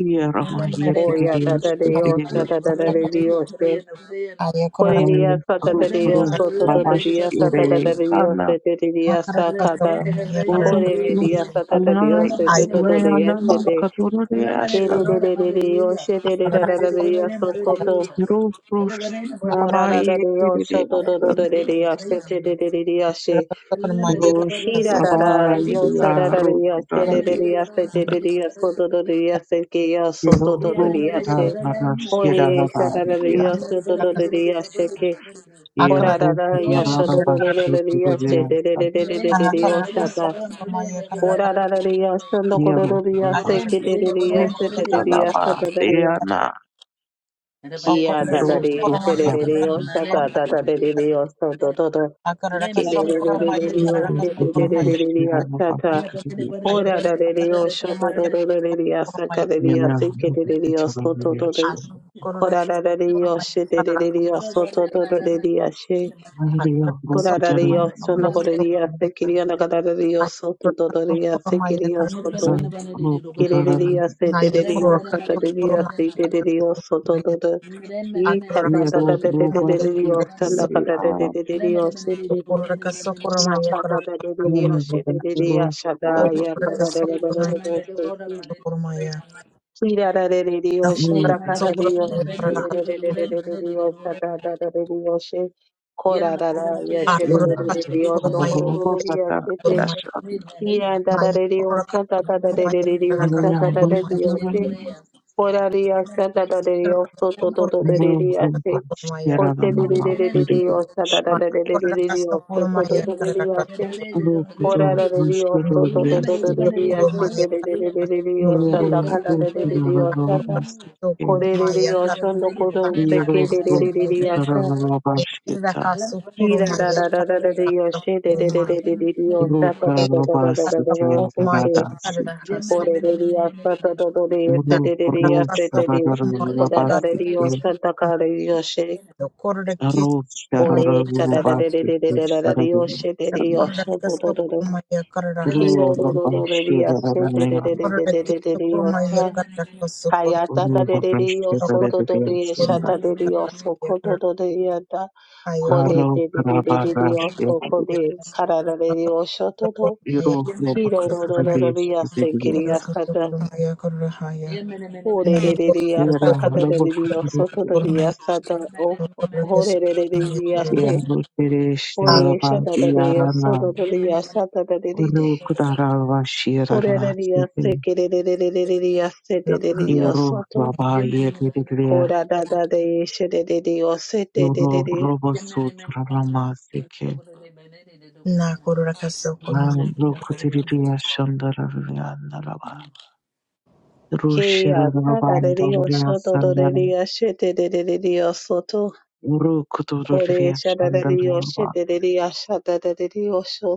Speaker 1: Yaramahia
Speaker 3: oya da
Speaker 1: Tididias
Speaker 3: da de yo sha
Speaker 1: Tididias
Speaker 3: da da da de de yo she Korelia sata
Speaker 1: Aru
Speaker 3: de Dios,
Speaker 1: Pro
Speaker 3: soto de
Speaker 1: Babash
Speaker 3: Dios, sata
Speaker 1: Ire
Speaker 3: de Dios, sete de Dios,
Speaker 4: Yo,
Speaker 3: sacata.
Speaker 1: Bozotros
Speaker 3: Korelia sata de
Speaker 1: alai
Speaker 3: Dios, sete de Dios,
Speaker 1: gureanama
Speaker 3: sete.
Speaker 1: katorereashtan.
Speaker 3: Kere de Dios, sete de de Dios, soto.
Speaker 1: Europros
Speaker 3: Korara de
Speaker 1: nabaye
Speaker 3: Dios, soto
Speaker 1: kerereashtan.
Speaker 3: de Dios, sete de
Speaker 2: Akara
Speaker 3: Dios, she.
Speaker 1: Rosh
Speaker 3: Kira de Dios,
Speaker 1: nabaandia
Speaker 3: sara de Dios, sete de
Speaker 1: rokdaradim.
Speaker 3: Dios, sete de Dios, soto de Dios, sete de Dios,
Speaker 1: Yero
Speaker 3: soto de Dios, she.
Speaker 1: rokdarashira
Speaker 3: Kore sara de
Speaker 1: nabaandia.
Speaker 3: Dios, soto de Dios, she.
Speaker 1: Yero
Speaker 3: Ora da da yasha do do do do do yasha de de
Speaker 1: rokdarabashikerereashtan.
Speaker 3: de de de de de de yasha da. Ora da da de yasha do ko do
Speaker 1: Yero
Speaker 3: do de
Speaker 4: Thank
Speaker 3: yasha ke de de de yasha
Speaker 1: rabashikerereashtan.
Speaker 3: de de de yasha da da de
Speaker 1: Nabaandia
Speaker 3: ya.
Speaker 1: na.
Speaker 3: Kia da
Speaker 1: Yero
Speaker 3: da de de de de de yasha da da da
Speaker 1: rokdarabashikerereashtan.
Speaker 3: de de de yasha do do do.
Speaker 4: you.
Speaker 3: Ke de de de de de de
Speaker 1: Yero
Speaker 3: yasha de de de de de de
Speaker 1: rokdarashira
Speaker 3: yasha da.
Speaker 1: nabaandia.
Speaker 3: Ora da de de yasha do do do do de de yasha ka de de
Speaker 1: Yana
Speaker 3: yasha ke de
Speaker 1: hapa
Speaker 3: de de
Speaker 1: kitu
Speaker 3: yasha do
Speaker 1: kama
Speaker 3: do
Speaker 1: vya
Speaker 3: do de. Ora da da de yasha de de de de yasha do do do de de yasha. Corararia, sonogoria, sequiria, nagararia,
Speaker 2: Maya
Speaker 3: soto, dodoria, sequiria, soto, quereria, seteria, sataria, seteria, soto, dodo, e cadadaria, sandacadaria, sete, nacadaria, seteria,
Speaker 4: Thank
Speaker 3: shadaya,
Speaker 4: you.
Speaker 3: cadadaria, Kirararereriyoshe,
Speaker 4: Thank
Speaker 3: dakarareriyoshe, dererererererereriyoshe, dadararereriyoshe, korararayoshe, derererereriyondo, kororororiyoshe, te- kirandarareriyoshe, dadararerereriyoshe, dadarareriyoshe, korariyoshe, dadarareriyoshe, dodorororeriyoshe, kosererererereriyoshe,
Speaker 2: Kororo kiss,
Speaker 3: dadararererereriyoshe,
Speaker 2: kororo maya, kororo kiss,
Speaker 3: dodorororeriyoshe, korarareriyoshe,
Speaker 2: kororo
Speaker 3: dodorororeriyoshe,
Speaker 2: maya,
Speaker 1: Ro
Speaker 3: dererererereriyoshe, dakararerereriyoshe, Korerere yoshondo koro sekererere yasha. Kira ra ra ra ra ra ra yoshe de de de
Speaker 2: kororo
Speaker 3: de de de de yosha ta ta ta ta ta ta ta ta ta seke. Korerere yasha ta ta ta de yese de de de yase de de. Kora ra ra de yosha ta ka re yoshe. Kore cha ra ra de de de de de ra ra de yoshe de de yosha to to to to. Kira ro ro ro ro de
Speaker 4: Yemen,
Speaker 3: yashe de de de de de
Speaker 2: Korora
Speaker 3: de de de
Speaker 2: tiko
Speaker 3: de
Speaker 2: kurma
Speaker 3: yosha.
Speaker 2: yakarra kasu
Speaker 3: Kaya
Speaker 2: kurma
Speaker 3: ta ta de de de yosho
Speaker 2: korora
Speaker 3: to to de yesha
Speaker 2: kurma
Speaker 3: ta de de
Speaker 2: yakarra
Speaker 3: yosho ko to
Speaker 2: yakarra
Speaker 3: to de yata.
Speaker 2: ayo
Speaker 3: Kole
Speaker 2: kurma
Speaker 3: de de de de de
Speaker 2: kurma
Speaker 3: de oso kode karara de de osho
Speaker 2: yakarra yakarra
Speaker 3: todo
Speaker 2: kasu kurma
Speaker 3: kiro ro ro ro ro ri ase kiri
Speaker 2: yakarra kasu kurma yakarra kasu
Speaker 3: asata
Speaker 2: kurma yakarra haya
Speaker 3: ore re
Speaker 2: nayo
Speaker 3: re ri
Speaker 2: kurma
Speaker 3: asa
Speaker 2: kasu
Speaker 1: Yara
Speaker 3: kada
Speaker 2: kurma
Speaker 3: de
Speaker 1: robo
Speaker 3: de de
Speaker 2: yakarra
Speaker 3: oso
Speaker 1: kuturu
Speaker 2: kasu
Speaker 3: todo ri
Speaker 2: kurma
Speaker 3: asata o
Speaker 2: yakarra
Speaker 3: hore
Speaker 2: kasu
Speaker 3: re re re
Speaker 2: kurma
Speaker 3: ri
Speaker 2: yakarra
Speaker 3: ase
Speaker 1: yaro teresh
Speaker 3: ore
Speaker 2: akla
Speaker 3: esha
Speaker 1: yaraba
Speaker 3: da da de oso
Speaker 1: yarana
Speaker 3: todo ri asata da de de de
Speaker 1: uru kutara
Speaker 3: ore re
Speaker 1: vashirana
Speaker 3: ri ase
Speaker 1: tsete
Speaker 3: kiri re re re re re ri ase de de de
Speaker 2: kurma
Speaker 3: oso
Speaker 1: yaro
Speaker 3: to
Speaker 1: raba yediririya
Speaker 3: hora da da de esha de de de ose de de de
Speaker 1: yoro
Speaker 3: de
Speaker 1: robo
Speaker 4: Many, many, many,
Speaker 1: sutra
Speaker 4: many,
Speaker 1: rama
Speaker 4: many,
Speaker 1: seke
Speaker 4: many,
Speaker 2: na
Speaker 4: many,
Speaker 2: korra kasukun kurma kasu
Speaker 1: nam ro
Speaker 4: many, many.
Speaker 1: kutiririya shandarariya naraba ru
Speaker 3: Kiriya, da
Speaker 1: shiraraba
Speaker 3: da da da, yo,
Speaker 1: andaririya
Speaker 3: so do do do
Speaker 1: sandara
Speaker 3: de de de de de, yo, so
Speaker 1: uru
Speaker 3: Kore
Speaker 1: kutuririya
Speaker 3: shadadadiyo
Speaker 1: shandaraba
Speaker 3: shededediya shadadadidiyosho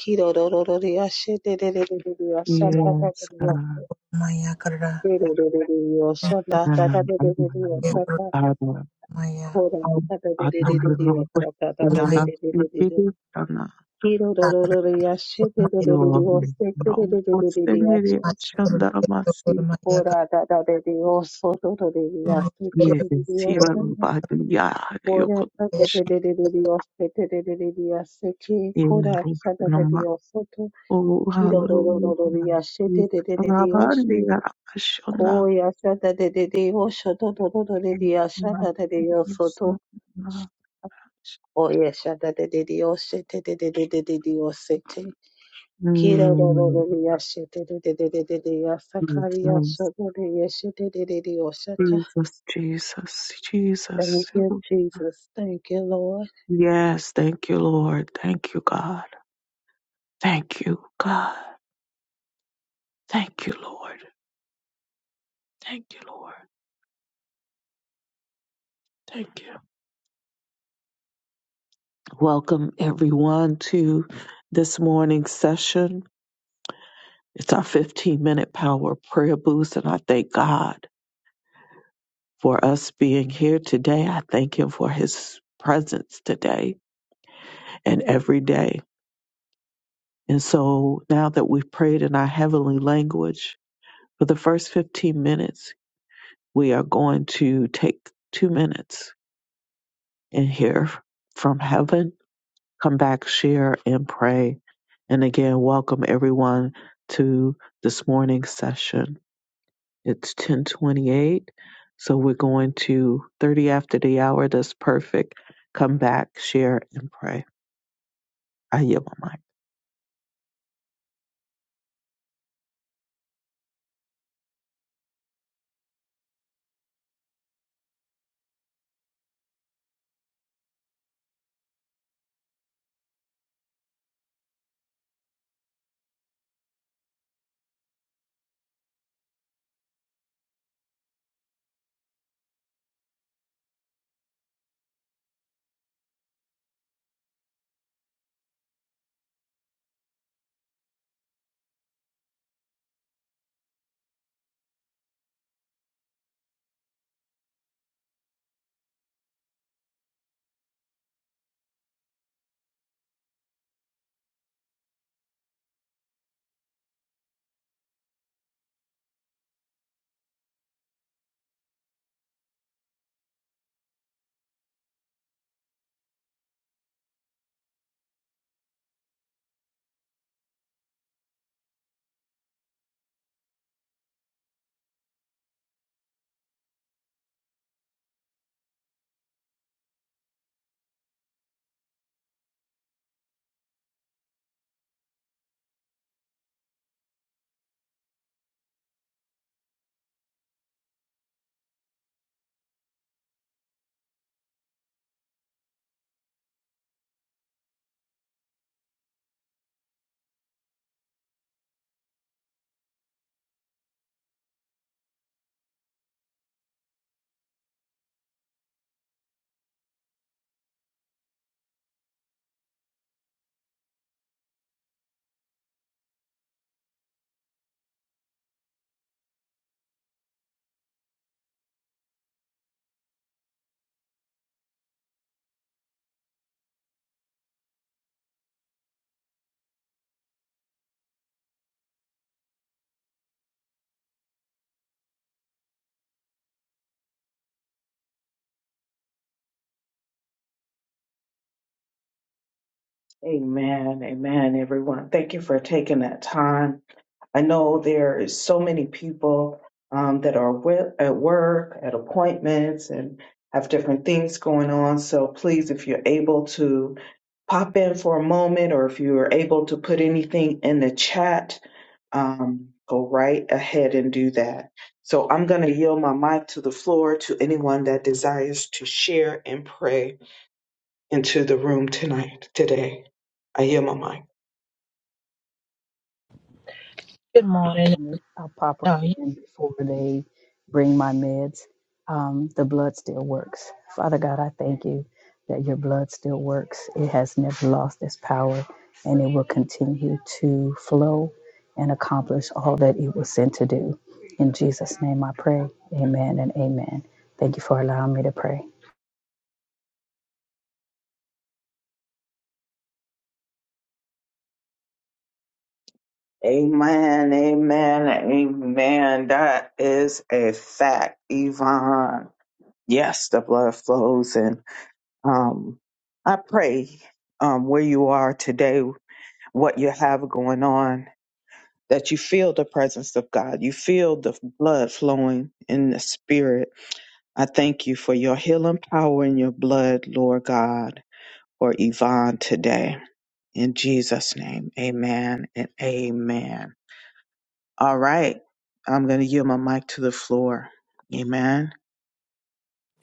Speaker 3: kirororororiya shededededediya
Speaker 1: yes
Speaker 2: kurma kasu
Speaker 3: shakatadadiyoso
Speaker 1: kana
Speaker 2: kurma yakarra
Speaker 3: kirororororiyo
Speaker 1: nanam
Speaker 2: yakarra
Speaker 3: shadadadadidiyosho
Speaker 2: maya
Speaker 3: kora
Speaker 1: Oh, hallelujah.
Speaker 3: shadadadidiyosho
Speaker 2: kurma
Speaker 1: Lavandi
Speaker 3: shadadadididididididi
Speaker 1: Ramashonda.
Speaker 3: kirororororiya
Speaker 2: yakarra
Speaker 3: shededededidiyosho kirororororiya shakora dadadadiyoso rorororiya shikiririyoso Ora tata de de de de Dios, te te de de de Dios, se que cora sata de Dios, soto, kiro ro ro ro ro Dios, se te de de de Dios, se koya sata de de Dios, soto ro ro ro de Dios, sata de Dios, soto, oye sata de de Dios, se te de de de de de Dios, se te, kiro ro ro ro
Speaker 1: Mm,
Speaker 3: Dios, se te de de de de de Dios, saka Dios, soto de Dios, se te de de Dios, sata.
Speaker 1: Jesus, Jesus, Jesus,
Speaker 3: Thank
Speaker 1: Jesus.
Speaker 3: you, Jesus. Thank you, Lord.
Speaker 1: Yes, thank you, Lord. Thank you, God. Thank you, God. Thank you, Lord. Thank you, Lord. Thank you. Welcome, everyone, to this morning's session. It's our 15 minute power prayer boost, and I thank God for us being here today. I thank Him for His presence today and every day. And so now that we've prayed in our heavenly language for the first 15 minutes, we are going to take two minutes and hear from heaven come back, share, and pray. And again, welcome everyone to this morning's session. It's 1028, so we're going to 30 after the hour. That's perfect. Come back, share, and pray. I yield my mic. Amen. Amen, everyone. Thank you for taking that time. I know there is so many people um, that are wi- at work, at appointments, and have different things going on. So please, if you're able to pop in for a moment, or if you are able to put anything in the chat, um, go right ahead and do that. So I'm going to yield my mic to the floor to anyone that desires to share and pray into the room tonight, today. I yield my mic.
Speaker 2: Good morning.
Speaker 5: family. I'll pop
Speaker 2: No,
Speaker 5: right
Speaker 2: you-
Speaker 5: in before they bring my meds. Um, the blood still works. Father God, I thank you that your blood still works. It has never lost its power and it will continue to flow and accomplish all that it was sent to do. In Jesus' name I pray. Amen and amen. Thank you for allowing me to pray.
Speaker 1: Amen, amen, amen. That is a fact, Yvonne. Yes, the blood flows. And um, I pray um, where you are today, what you have going on, that you feel the presence of God. You feel the blood flowing in the spirit. I thank you for your healing power in your blood, Lord God, for Yvonne today. In Jesus' name, amen and amen. All right. I'm going to yield my mic to the floor. Amen.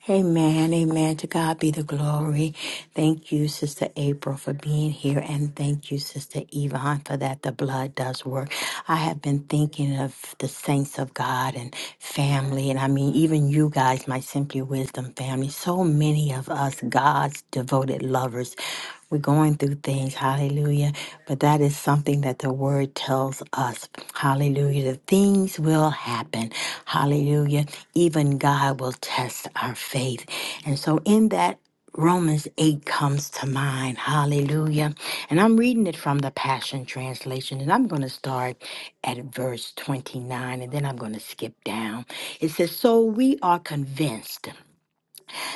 Speaker 6: Amen, amen. To God be the glory. Thank you, Sister April, for being here, and thank you, Sister Yvonne, for that. The blood does work. I have been thinking of the saints of God and family, and I mean, even you guys, my Simply Wisdom family, so many of us, God's devoted lovers. We're going through things, hallelujah. But that is something that the word tells us, hallelujah. The things will happen, hallelujah. Even God will test our faith. And so, in that, Romans 8 comes to mind, hallelujah. And I'm reading it from the Passion Translation, and I'm going to start at verse 29, and then I'm going to skip down. It says, So we are convinced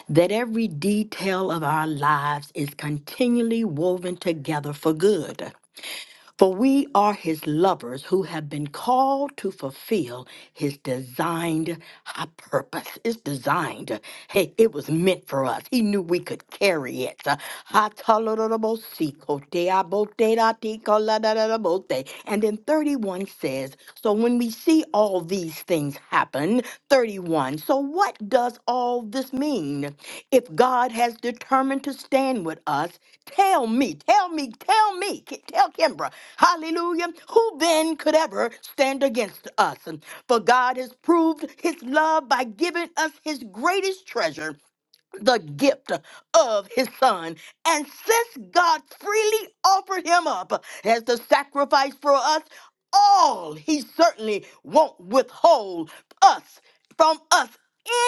Speaker 6: that every detail of our lives is continually woven together for good. For we are his lovers who have been called to fulfill his designed high purpose. It's designed. Hey, it was meant for us. He knew we could carry it. si And then 31 says, So when we see all these things happen, 31, so what does all this mean? If God has determined to stand with us, Tell me, tell me, tell me, Ki- tell Kimbra, hallelujah, who then could ever stand against us? For God has proved his love by giving us his greatest treasure the gift of his son. And since God freely offered him up as the sacrifice for us, all he certainly won't withhold us from us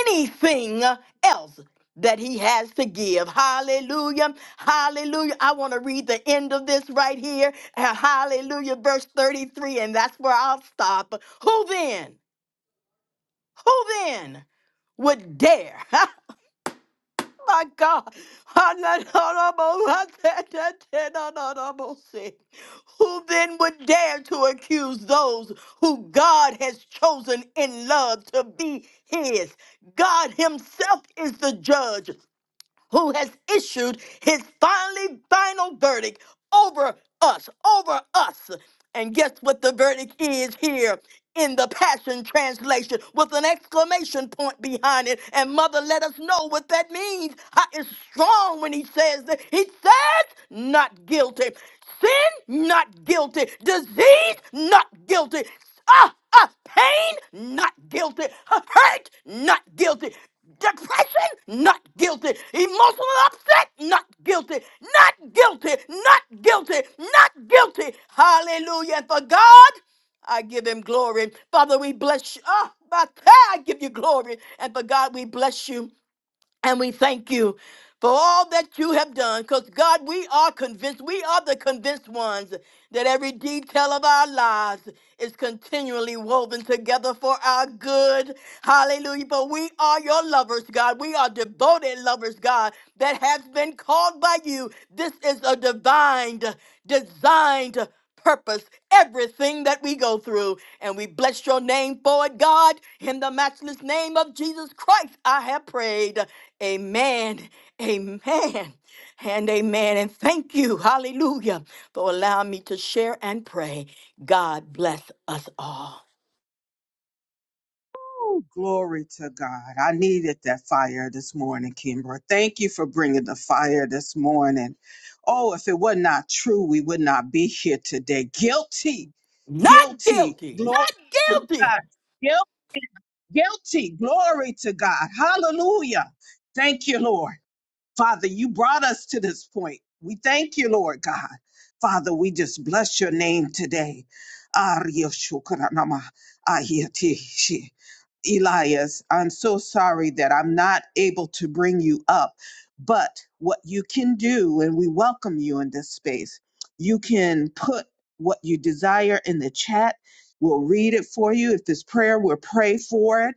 Speaker 6: anything else that he has to give. Hallelujah. Hallelujah. I want to read the end of this right here. Uh, Hallelujah. Verse 33. And that's where I'll stop. Who then? Who then? would dare [LAUGHS] my God. [LAUGHS] Who then would dare to accuse those who God has chosen in love to be his? God himself is the judge who has issued his finally final verdict over us, over us. And guess what the verdict is here in the Passion Translation with an exclamation point behind it. And Mother let us know what that means. How it's strong when he says that. He says, not guilty. Sin, not guilty. Disease, not guilty. Ah, ah, pain, not guilty. Hurt, not guilty. Depression, not guilty. Emotional upset, not guilty. Not guilty. Not guilty. Not guilty. Hallelujah. For God, I give him glory. Father, we bless you. Ah, my God, I give you glory. And for God, we bless you. And we thank you for all that you have done. Because, God, we are convinced, we are the convinced ones that every detail of our lives is continually woven together for our good. Hallelujah. But we are your lovers, God. We are devoted lovers, God, that has been called by you. This is a divined, designed purpose everything that we go through. And we bless your name for it, God. In the matchless name of Jesus Christ, I have prayed. Amen, amen, and amen. And thank you, hallelujah, for allowing me to share and pray. God bless us all.
Speaker 1: Oh, Glory to God. I needed that fire this morning, Kimbra. Thank you for bringing the fire this morning. Oh, if it were not true, we would not be here today. Guilty,
Speaker 6: Not
Speaker 1: guilty,
Speaker 6: guilty,
Speaker 1: glory
Speaker 6: not
Speaker 1: to
Speaker 6: guilty.
Speaker 1: God. Guil- guilty, glory to God. Hallelujah. Thank you, Lord. Father, you brought us to this point. We thank you, Lord God. Father, we just bless your name today. Arya Shukuranama Ayati Shi. Elias, I'm so sorry that I'm not able to bring you up, but what you can do, and we welcome you in this space, you can put what you desire in the chat. We'll read it for you. If this prayer, we'll pray for it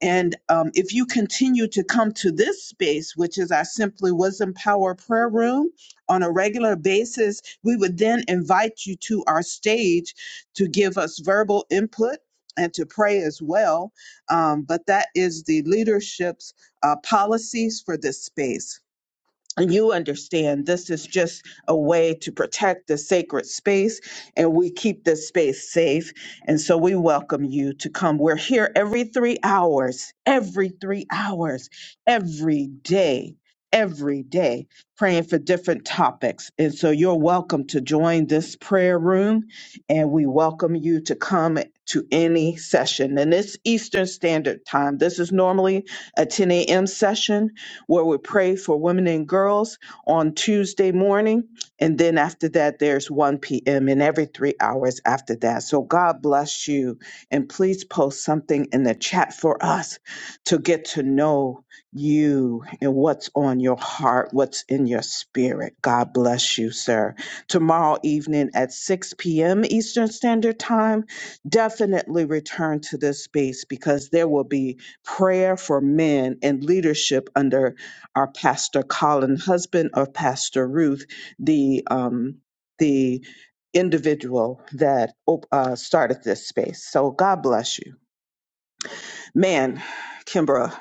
Speaker 1: and um, if you continue to come to this space, which is our Simply Wisdom Power Prayer Room, on a regular basis, we would then invite you to our stage to give us verbal input and to pray as well. Um, but that is the leadership's uh, policies for this space and you understand this is just a way to protect the sacred space and we keep this space safe and so we welcome you to come we're here every 3 hours every 3 hours every day every day praying for different topics and so you're welcome to join this prayer room and we welcome you to come to any session and it's eastern standard time this is normally a 10 a.m session where we pray for women and girls on Tuesday morning. And then after that, there's 1 p.m. and every three hours after that. So God bless you. And please post something in the chat for us to get to know you and what's on your heart, what's in your spirit. God bless you, sir. Tomorrow evening at 6 p.m. Eastern Standard Time, definitely return to this space because there will be prayer for men and leadership under our Pastor Colin, husband of Pastor Ruth, the um, the individual that op- uh, started this space. So God bless you, man, Kimbra.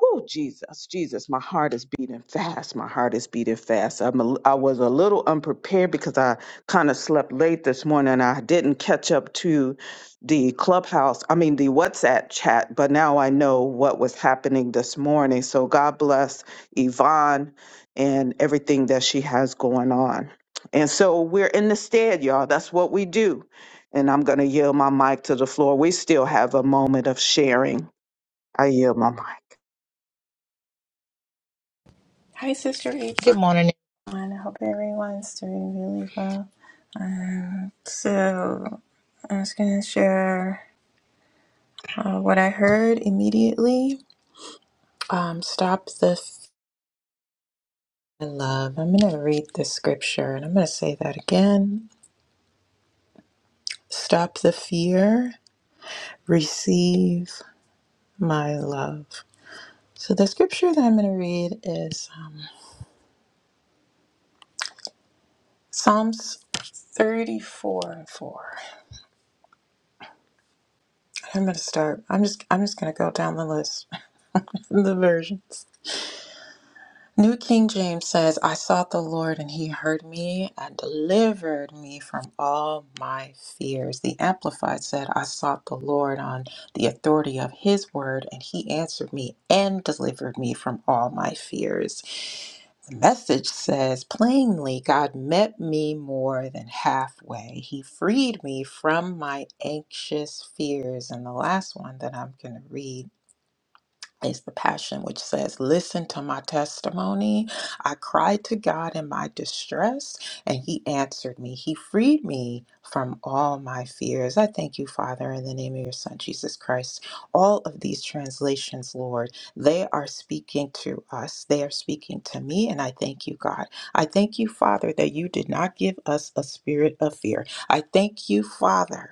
Speaker 1: Oh Jesus, Jesus, my heart is beating fast. My heart is beating fast. I'm a, I was a little unprepared because I kind of slept late this morning. I didn't catch up to the clubhouse, I mean, the WhatsApp chat, but now I know what was happening this morning. So God bless Yvonne and everything that she has going on. And so we're in the stead, y'all. That's what we do. And I'm going to yield my mic to the floor. We still have a moment of sharing. I yield my mic.
Speaker 7: Hi, Sister April.
Speaker 2: good
Speaker 7: I hope everyone's doing really well. Um, so, I was going to share uh, what I heard immediately. Um, stop the f- in love. I'm going to read the scripture and I'm going to say that again. Stop the fear. Receive my love. So, the scripture that I'm going to read is um, Psalms 34 and 4. I'm going to start. I'm just I'm just going to go down the list, [LAUGHS] the versions. New King James says, I sought the Lord and he heard me and delivered me from all my fears. The Amplified said, I sought the Lord on the authority of his word and he answered me and delivered me from all my fears. The message says, plainly, God met me more than halfway. He freed me from my anxious fears. And the last one that I'm going to read is the passion which says, Listen to my testimony. I cried to God in my distress, and He answered me. He freed me from all my fears. I thank you, Father, in the name of your Son, Jesus Christ. All of these translations, Lord, they are speaking to us, they are speaking to me, and I thank you, God. I thank you, Father, that you did not give us a spirit of fear. I thank you, Father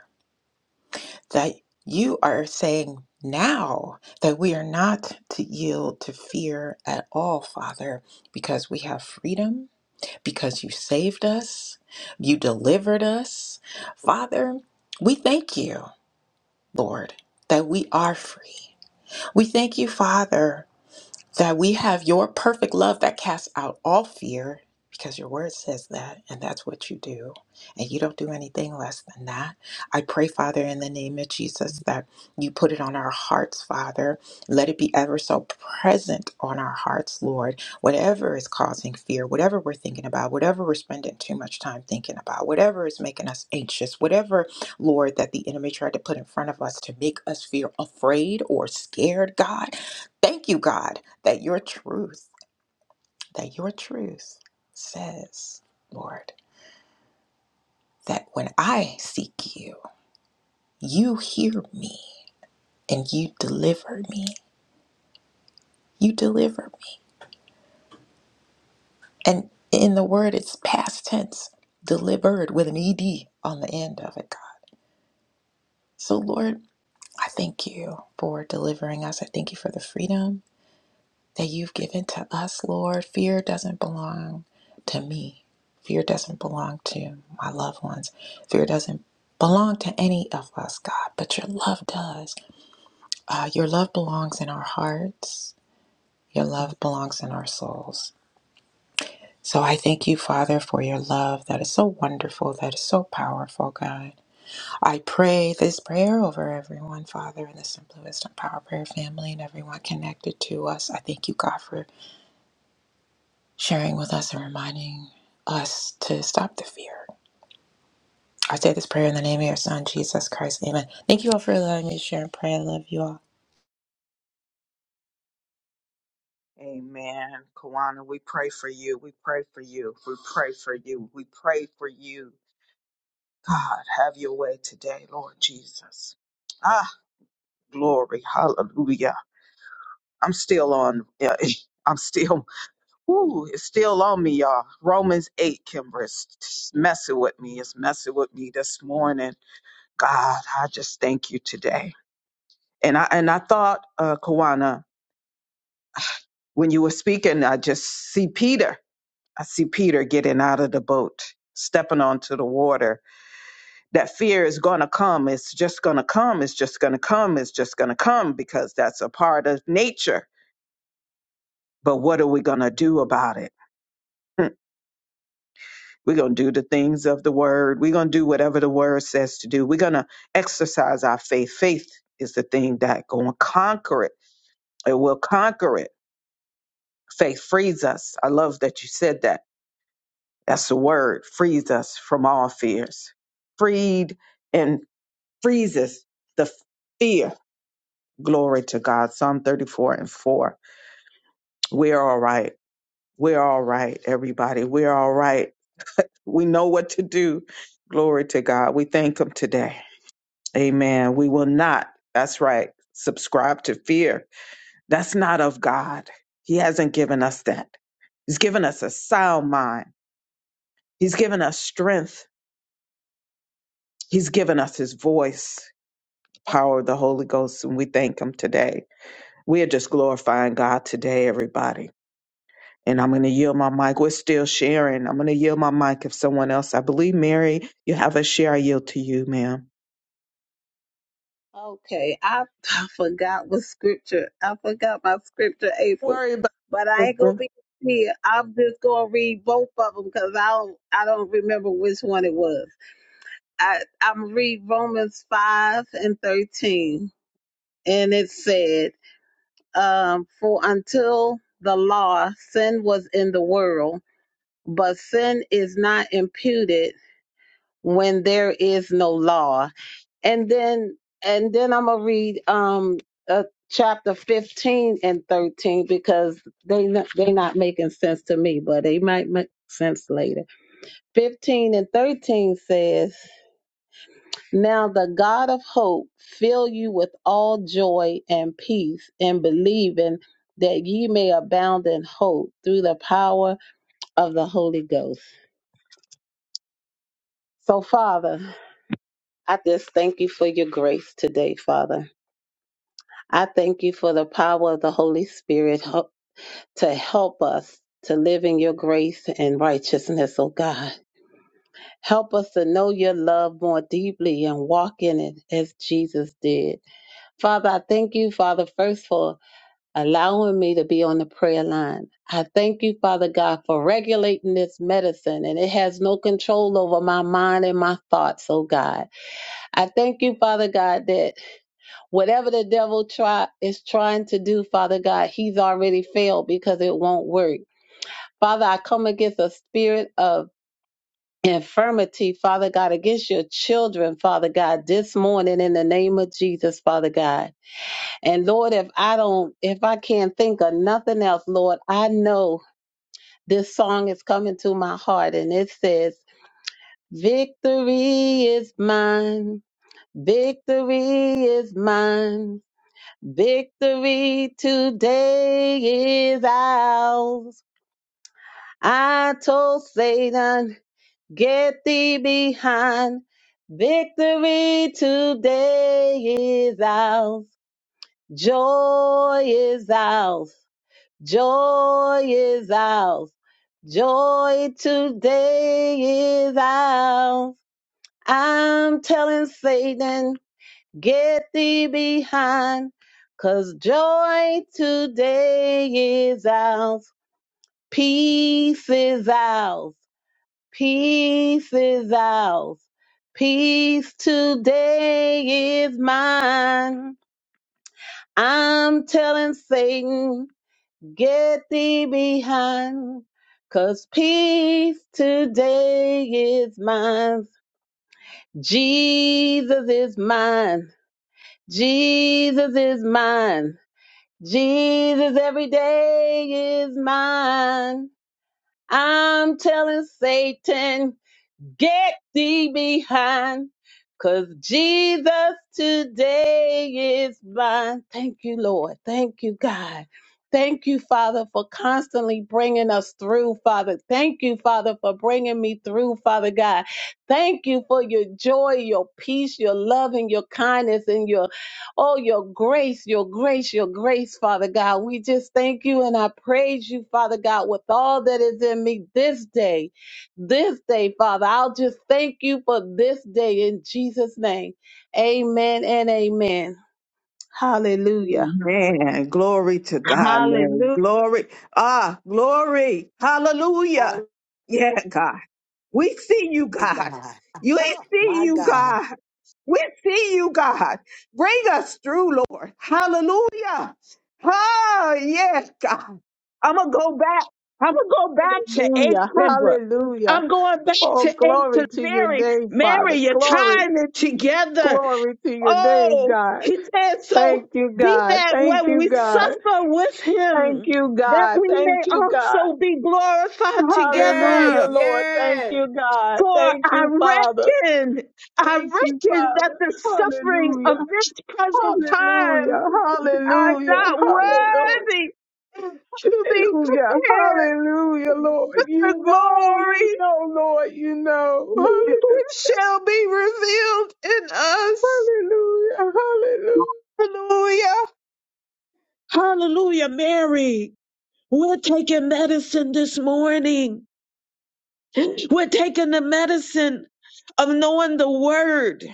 Speaker 7: that you are saying now that we are not to yield to fear at all, Father, because we have freedom, because you saved us, you delivered us. Father, we thank you, Lord, that we are free. We thank you, Father that we have your perfect love that casts out all fear because your word says that and that's what you do and you don't do anything less than that i pray father in the name of jesus that you put it on our hearts father let it be ever so present on our hearts lord whatever is causing fear whatever we're thinking about whatever we're spending too much time thinking about whatever is making us anxious whatever lord that the enemy tried to put in front of us to make us feel afraid or scared god Thank you, God, that your truth, that your truth says, Lord, that when I seek you, you hear me and you deliver me. You deliver me. And in the word, it's past tense, delivered with an ED on the end of it, God. So, Lord, I thank you for delivering us. I thank you for the freedom that you've given to us, Lord. Fear doesn't belong to me. Fear doesn't belong to my loved ones. Fear doesn't belong to any of us, God, but your love does. Uh, your love belongs in our hearts, your love belongs in our souls. So I thank you, Father, for your love that is so wonderful, that is so powerful, God. I pray this prayer over everyone, Father, in the Simply Wisdom Power Prayer family and everyone connected to us. I thank you, God, for sharing with us and reminding us to stop the fear. I say this prayer in the name of your son, Jesus Christ. Amen. Thank you all for allowing me to share and pray. I love you all.
Speaker 1: Amen. Kawana, we pray for you. We pray for you. We pray for you. We pray for you. God, have your way today, Lord Jesus. Ah, glory. Hallelujah. I'm still on. yeah, [LAUGHS] I'm still, ooh, it's still on me, y'all. Romans 8, Kimber, it's it's messing with me. It's messing with me this morning. God, I just thank you today. And I, and I thought, uh, Kawana, when you were speaking, I just see Peter. I see Peter getting out of the boat, stepping onto the water. That fear is going to come. It's just going to come. It's just going to come. It's just going to come because that's a part of nature. But what are we going to do about it? Hmm. We're going to do the things of the word. We're going to do whatever the word says to do. We're going to exercise our faith. Faith is the thing that going to conquer it. It will conquer it. Faith frees us. I love that you said that. That's the word. Frees us from all fears. Freed and. freezes the fear. Glory to God. Psalm 34 and 4. We're all right. We're all right, everybody. We're all right. We know what to do. Glory to God. We thank Him today. Amen. We will not, that's right, subscribe to fear. That's not of God. He hasn't given us that. He's given us a sound mind, He's given us strength, He's given us His voice, power of the Holy Ghost, and we thank Him today. We are just glorifying God today, everybody. And I'm going to yield my mic. We're still sharing. I'm going to yield my mic if someone else, I believe, Mary, you have a share. I yield to you, ma'am.
Speaker 3: Okay, I, [LAUGHS] I forgot what scripture. I forgot my scripture, April.
Speaker 1: Worry about
Speaker 3: But I ain't gonna
Speaker 1: sister.
Speaker 3: be here. I'm just gonna read both of them because I don't I don't remember which one it was. I I'm read Romans five and thirteen, and it said, um, "For until the law, sin was in the world, but sin is not imputed when there is no law." and then and then I'm gonna read um uh, chapter 15 and 13 because they not, they not making sense to me, but they might make sense later. 15 and 13 says, "Now the God of hope fill you with all joy and peace in believing that ye may abound in hope through the power of the Holy Ghost." So Father, I just thank you for your grace today, Father. I thank you for the power of the Holy Spirit help- to help us to live in your grace and righteousness, O God. Help us to know your love more deeply and walk in it as Jesus did. Father, I thank you, Father, first for allowing me to be on the prayer line. I thank you, Father God, for regulating this medicine and it has no control over my mind and my thoughts, oh God. I thank you, Father God, that Whatever the devil try is trying to do, Father God, he's already failed because it won't work. Father, I come against a spirit of infirmity, Father God, against your children, Father God, this morning in the name of Jesus, Father God. And Lord, if I don't, if I can't think of nothing else, Lord, I know this song is coming to my heart and it says, Victory is mine. Victory is mine. Victory today is ours. I told Satan, get thee behind. Victory today is ours. Joy is ours. Joy is ours. Joy today is ours. I'm telling Satan, Get thee behind, cause joy today is ours. Peace is ours. Peace is ours. Peace today is mine. I'm telling Satan, get thee behind, cause peace today is mine. Jesus is mine. Jesus is mine. Jesus, every day is mine. I'm telling Satan. Get thee behind, cause Jesus today is mine. Thank you, Lord. Thank you, God. Thank you, Father, for constantly bringing us through, Father. Thank you, Father, for bringing me through, Father God. Thank you for your joy, your peace, your love, and your kindness, and your, oh, your grace, your grace, your grace, Father God. We just thank you and I praise you, Father God, with all that is in me this day this day, Father. I'll just thank you for this day in Jesus' name. Amen and amen. Hallelujah.
Speaker 1: Man, glory to God, Mary.
Speaker 3: Hallelujah.
Speaker 1: Glory. Ah, glory.
Speaker 6: I
Speaker 1: Hallelujah.
Speaker 6: love
Speaker 1: Yeah, God. We see you, God.
Speaker 6: God.
Speaker 1: You ain't
Speaker 6: [LAUGHS]
Speaker 1: see
Speaker 6: My
Speaker 1: you,
Speaker 6: God.
Speaker 1: God. We see you, God. Bring us through, Lord. Hallelujah. Ah, yes. I'm gonna go back. I'm gonna go back to eight
Speaker 3: Hallelujah.
Speaker 1: I'm going back to
Speaker 3: Oh,
Speaker 1: eight to
Speaker 3: glory to your
Speaker 1: Mary.
Speaker 3: name,
Speaker 1: Mary,
Speaker 3: Father.
Speaker 1: you're
Speaker 3: Glory.
Speaker 1: tying it together.
Speaker 3: Glory to your name,
Speaker 1: Oh,
Speaker 3: God.
Speaker 1: he said, so
Speaker 3: Thank you,
Speaker 1: be
Speaker 3: God.
Speaker 1: that
Speaker 3: Thank
Speaker 1: when
Speaker 3: you,
Speaker 1: we
Speaker 3: God.
Speaker 1: suffer with
Speaker 3: Thank
Speaker 1: him,
Speaker 3: you,
Speaker 1: that
Speaker 3: God.
Speaker 1: we
Speaker 3: Thank
Speaker 1: may
Speaker 3: you, God.
Speaker 1: also be glorified
Speaker 6: Yes,
Speaker 3: Hallelujah,
Speaker 1: together.
Speaker 3: Lord. Thank
Speaker 6: yes.
Speaker 3: you, God.
Speaker 1: For
Speaker 3: Thank
Speaker 1: I
Speaker 3: you, Father.
Speaker 1: reckon, I
Speaker 3: Thank you,
Speaker 1: reckon that
Speaker 3: Father.
Speaker 1: the suffering of
Speaker 3: Hallelujah.
Speaker 1: this present time
Speaker 3: Hallelujah,
Speaker 1: are
Speaker 3: hallelujah,
Speaker 1: not
Speaker 3: hallelujah,
Speaker 1: worthy to be
Speaker 3: hallelujah,
Speaker 1: compared
Speaker 3: hallelujah, Lord.
Speaker 1: the
Speaker 3: You know, you
Speaker 1: glory
Speaker 3: know, Lord, you know.
Speaker 1: which shall be revealed in us.
Speaker 3: Hallelujah, hallelujah,
Speaker 1: Hallelujah. Hallelujah, Mary. We're taking medicine this morning. We're taking the medicine of knowing the word.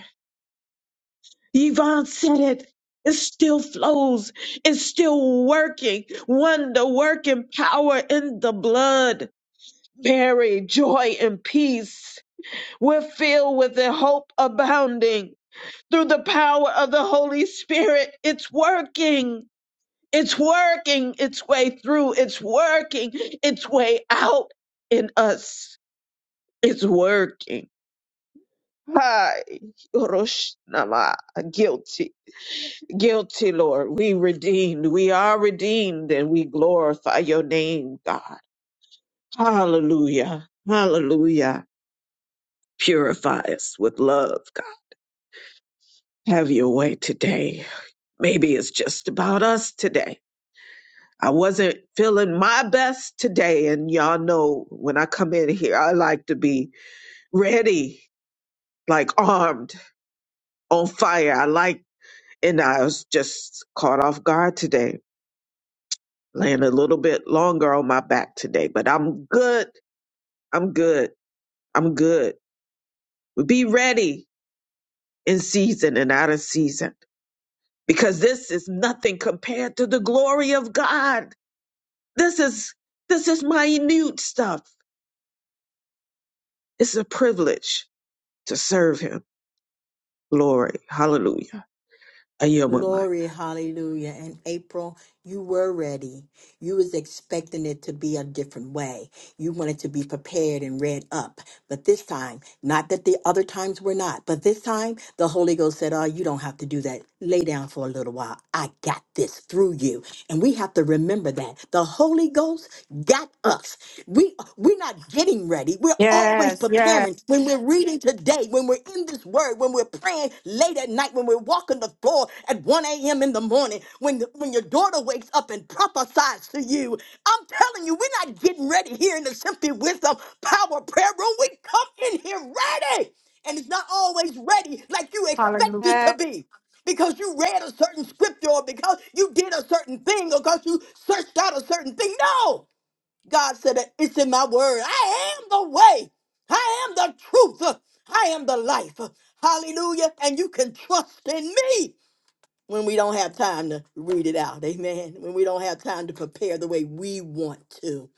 Speaker 1: Yvonne said it. It still flows. It's still working. One, the working power in the blood. Mary, joy and peace. We're filled with the hope abounding. through the power of the Holy Spirit. It's working. It's working its way through. It's working its way out in us. It's working. Hi, Yoroshinama. Guilty. Guilty, Lord. We redeemed. We are redeemed and we glorify your name, God. Hallelujah. Hallelujah. Purify us with love, God. Have your way today. Maybe it's just about us today I wasn't feeling my best today. And y'all know when I come in here, I like to be ready, like armed, on fire. I like, and I was just caught off guard today, laying a little bit longer on my back today, but I'm good. I'm good. I'm good. Be ready in season and out of season because this is nothing compared to the glory of God. This is, this is minute stuff. It's a privilege to serve him Glory. Hallelujah. I yield my mic.
Speaker 6: Glory, hallelujah. And April, you were ready. You was expecting it to be a different way. You wanted to be prepared and read up. But this time, not that the other times were not, but this time the Holy Ghost said, Oh, you don't have to do that. Lay down for a little while. I got this through you. And we have to remember that. The Holy Ghost got us. We we're not getting ready. We're always
Speaker 8: Yes, yes.
Speaker 6: preparing. When we're reading today, when we're in this word, when we're praying late at night, when we're walking the floor at 1 a.m. in the morning when the, when your daughter wakes up and prophesies to you. I'm telling you, we're not getting ready here in the Simply Wisdom Power Prayer Room. We come in here ready, and it's not always ready like you expect it to
Speaker 8: Hallelujah.
Speaker 6: be. Because you read a certain scripture, or because you did a certain thing, or because you searched out a certain thing. No, God said that it's in my word. I am the way. I am the truth. I am the life. Hallelujah. And you can trust in me when we don't have time to read it out. Amen. When we don't have time to prepare the way we want to.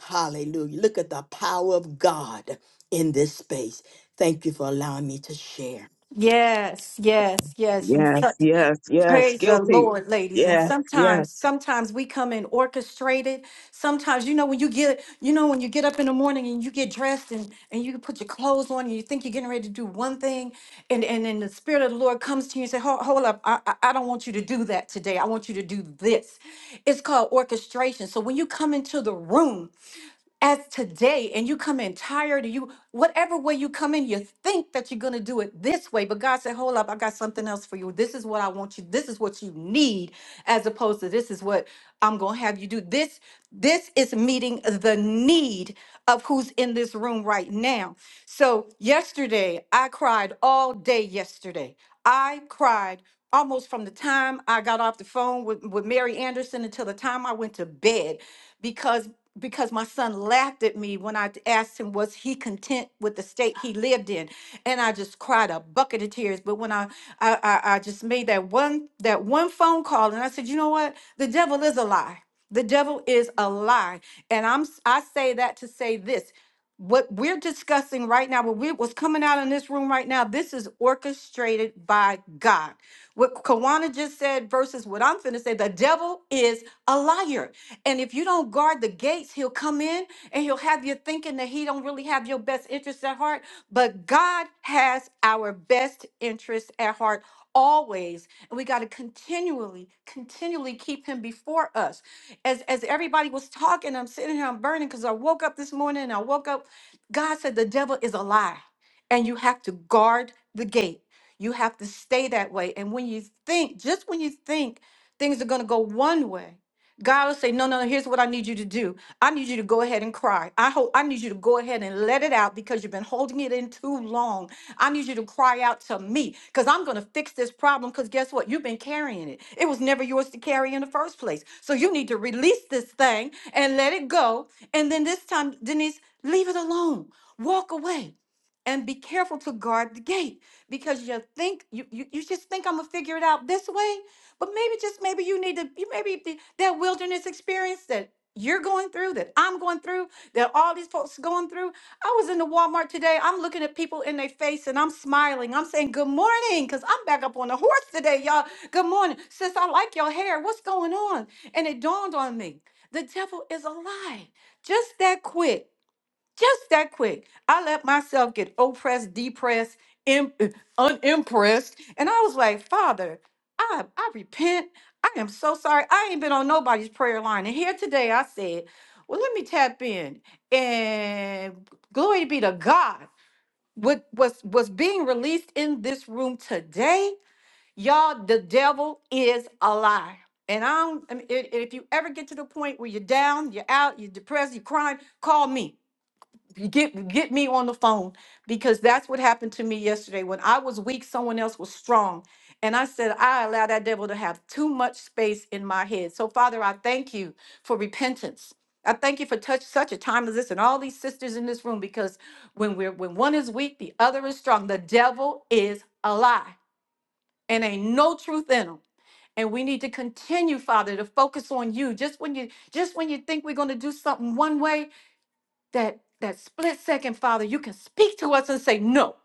Speaker 6: Hallelujah. Look at the power of God in this space. Thank you for allowing me to share.
Speaker 8: Yes, yes, yes. And
Speaker 1: Yes,
Speaker 8: such
Speaker 1: yes, yes.
Speaker 8: praise the
Speaker 1: Guilty.
Speaker 8: Lord, ladies. And
Speaker 1: Yes,
Speaker 8: sometimes,
Speaker 1: yes.
Speaker 8: sometimes we come in orchestrated. Sometimes, you know, when you get, you know, when you get up in the morning and you get dressed and and you put your clothes on and you think you're getting ready to do one thing, and and then the spirit of the Lord comes to you and say, hold, hold up, I, I I don't want you to do that today. I want you to do this. It's called orchestration. So when you come into the room. as today and you come in tired and you whatever way you come in you think that you're going to do it this way but god said hold up i got something else for you this is what i want you this is what you need as opposed to this is what i'm going to have you do this this is meeting the need of who's in this room right now so yesterday i cried all day yesterday i cried almost from the time i got off the phone with, with mary anderson until the time i went to bed because because my son laughed at me when I asked him was he content with the state he lived in and I just cried a bucket of tears but when I I I, I just made that one that one phone call and I said you know what the devil is a lie the devil is a lie and I'm s- I say that to say this what we're discussing right now what we what's coming out in this room right now this is orchestrated by God what Kawana just said versus what I'm finna say, the devil is a liar. And if you don't guard the gates, he'll come in and he'll have you thinking that he don't really have your best interest at heart. But God has our best interest at heart always. And we got to continually, continually keep him before us. As as everybody was talking, I'm sitting here, I'm burning because I woke up this morning and I woke up. God said the devil is a lie. And you have to guard the gate. You have to stay that way. And when you think, just when you think things are going to go one way, God will say, No, no, no, here's what I need you to do. I need you to go ahead and cry. I hope I need you to go ahead and let it out because you've been holding it in too long. I need you to cry out to me because I'm going to fix this problem. Because guess what? You've been carrying it. It was never yours to carry in the first place. So you need to release this thing and let it go. And then this time, Denise, leave it alone. Walk away and be careful to guard the gate because you think you, you, you just think I'm gonna figure it out this way. But maybe just maybe you need to you maybe the, that wilderness experience that you're going through, that I'm going through, that all these folks going through. I was in the Walmart today. I'm looking at people in their face and I'm smiling. I'm saying good morning because I'm back up on the horse today, y'all. Good morning. Sis, I like your hair. What's going on? And it dawned on me. The devil is a lie. Just that quick just that quick. I let myself get oppressed, depressed, im- uh, unimpressed. And I was like, Father, I, I repent. I am so sorry. I ain't been on nobody's prayer line. And here today I said, well, let me tap in. And glory be to God. What was was being released in this room today, y'all, the devil is a lie. And I don't, I mean, if if you ever get to the point where you're down, you're out, you're depressed, you're crying, call me. Get get me on the phone because that's what happened to me yesterday. When I was weak, someone else was strong. And I said, I allow that devil to have too much space in my head. So, Father, I thank you for repentance. I thank you for touch, such a time as this and all these sisters in this room because when we're when one is weak, the other is strong. The devil is a lie and ain't no truth in him. And we need to continue, Father, to focus on you. Just when you just when you think we're going to do something one way, that that split second father you can speak to us and say no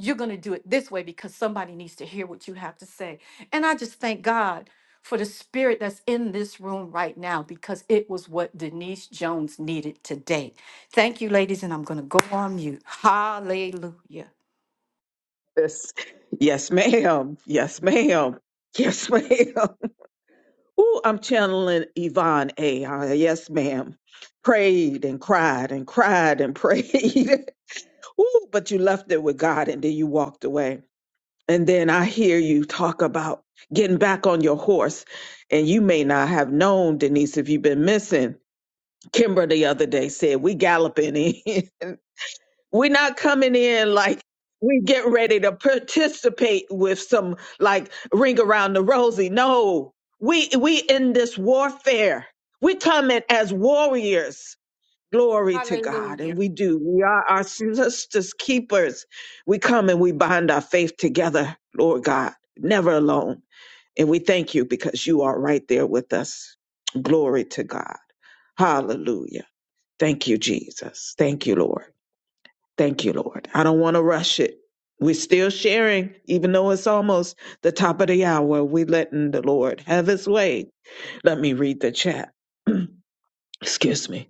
Speaker 8: you're going to do it this way because somebody needs to hear what you have to say and i just thank god for the spirit that's in this room right now because it was what denise jones needed today thank you ladies and i'm going to go on mute hallelujah
Speaker 1: Yes, yes ma'am. Yes, ma'am. Yes, ma'am. [LAUGHS] Ooh, I'm channeling Yvonne A. Uh, yes, ma'am. Prayed and cried and cried and [LAUGHS] prayed. Ooh, but you left it with God and then you walked away. And then I hear you talk about getting back on your horse. And you may not have known, Denise, if you've been missing. Kimber the other day said, We galloping in. [LAUGHS] We're not coming in like we get ready to participate with some like ring around the rosy. No, we we in this warfare. We come in as warriors. Glory to God,
Speaker 8: Hallelujah.
Speaker 1: and we do. We are our sisters' keepers. We come and we bind our faith together, Lord God, never alone. And we thank you because you are right there with us. Glory to God. Hallelujah. Thank you, Jesus. Thank you, Lord. Thank you, Lord. I don't want to rush it. We're still sharing, even though it's almost the top of the hour. we letting the Lord have his way. Let me read the chat. [CLEARS THROAT] Excuse me.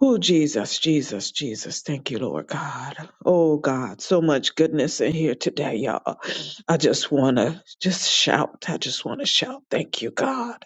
Speaker 1: Oh, Jesus, Jesus, Jesus. Thank you, Lord God. Oh, God, so much goodness in here today, y'all. I just want to just shout. I just want to shout. Thank you, God.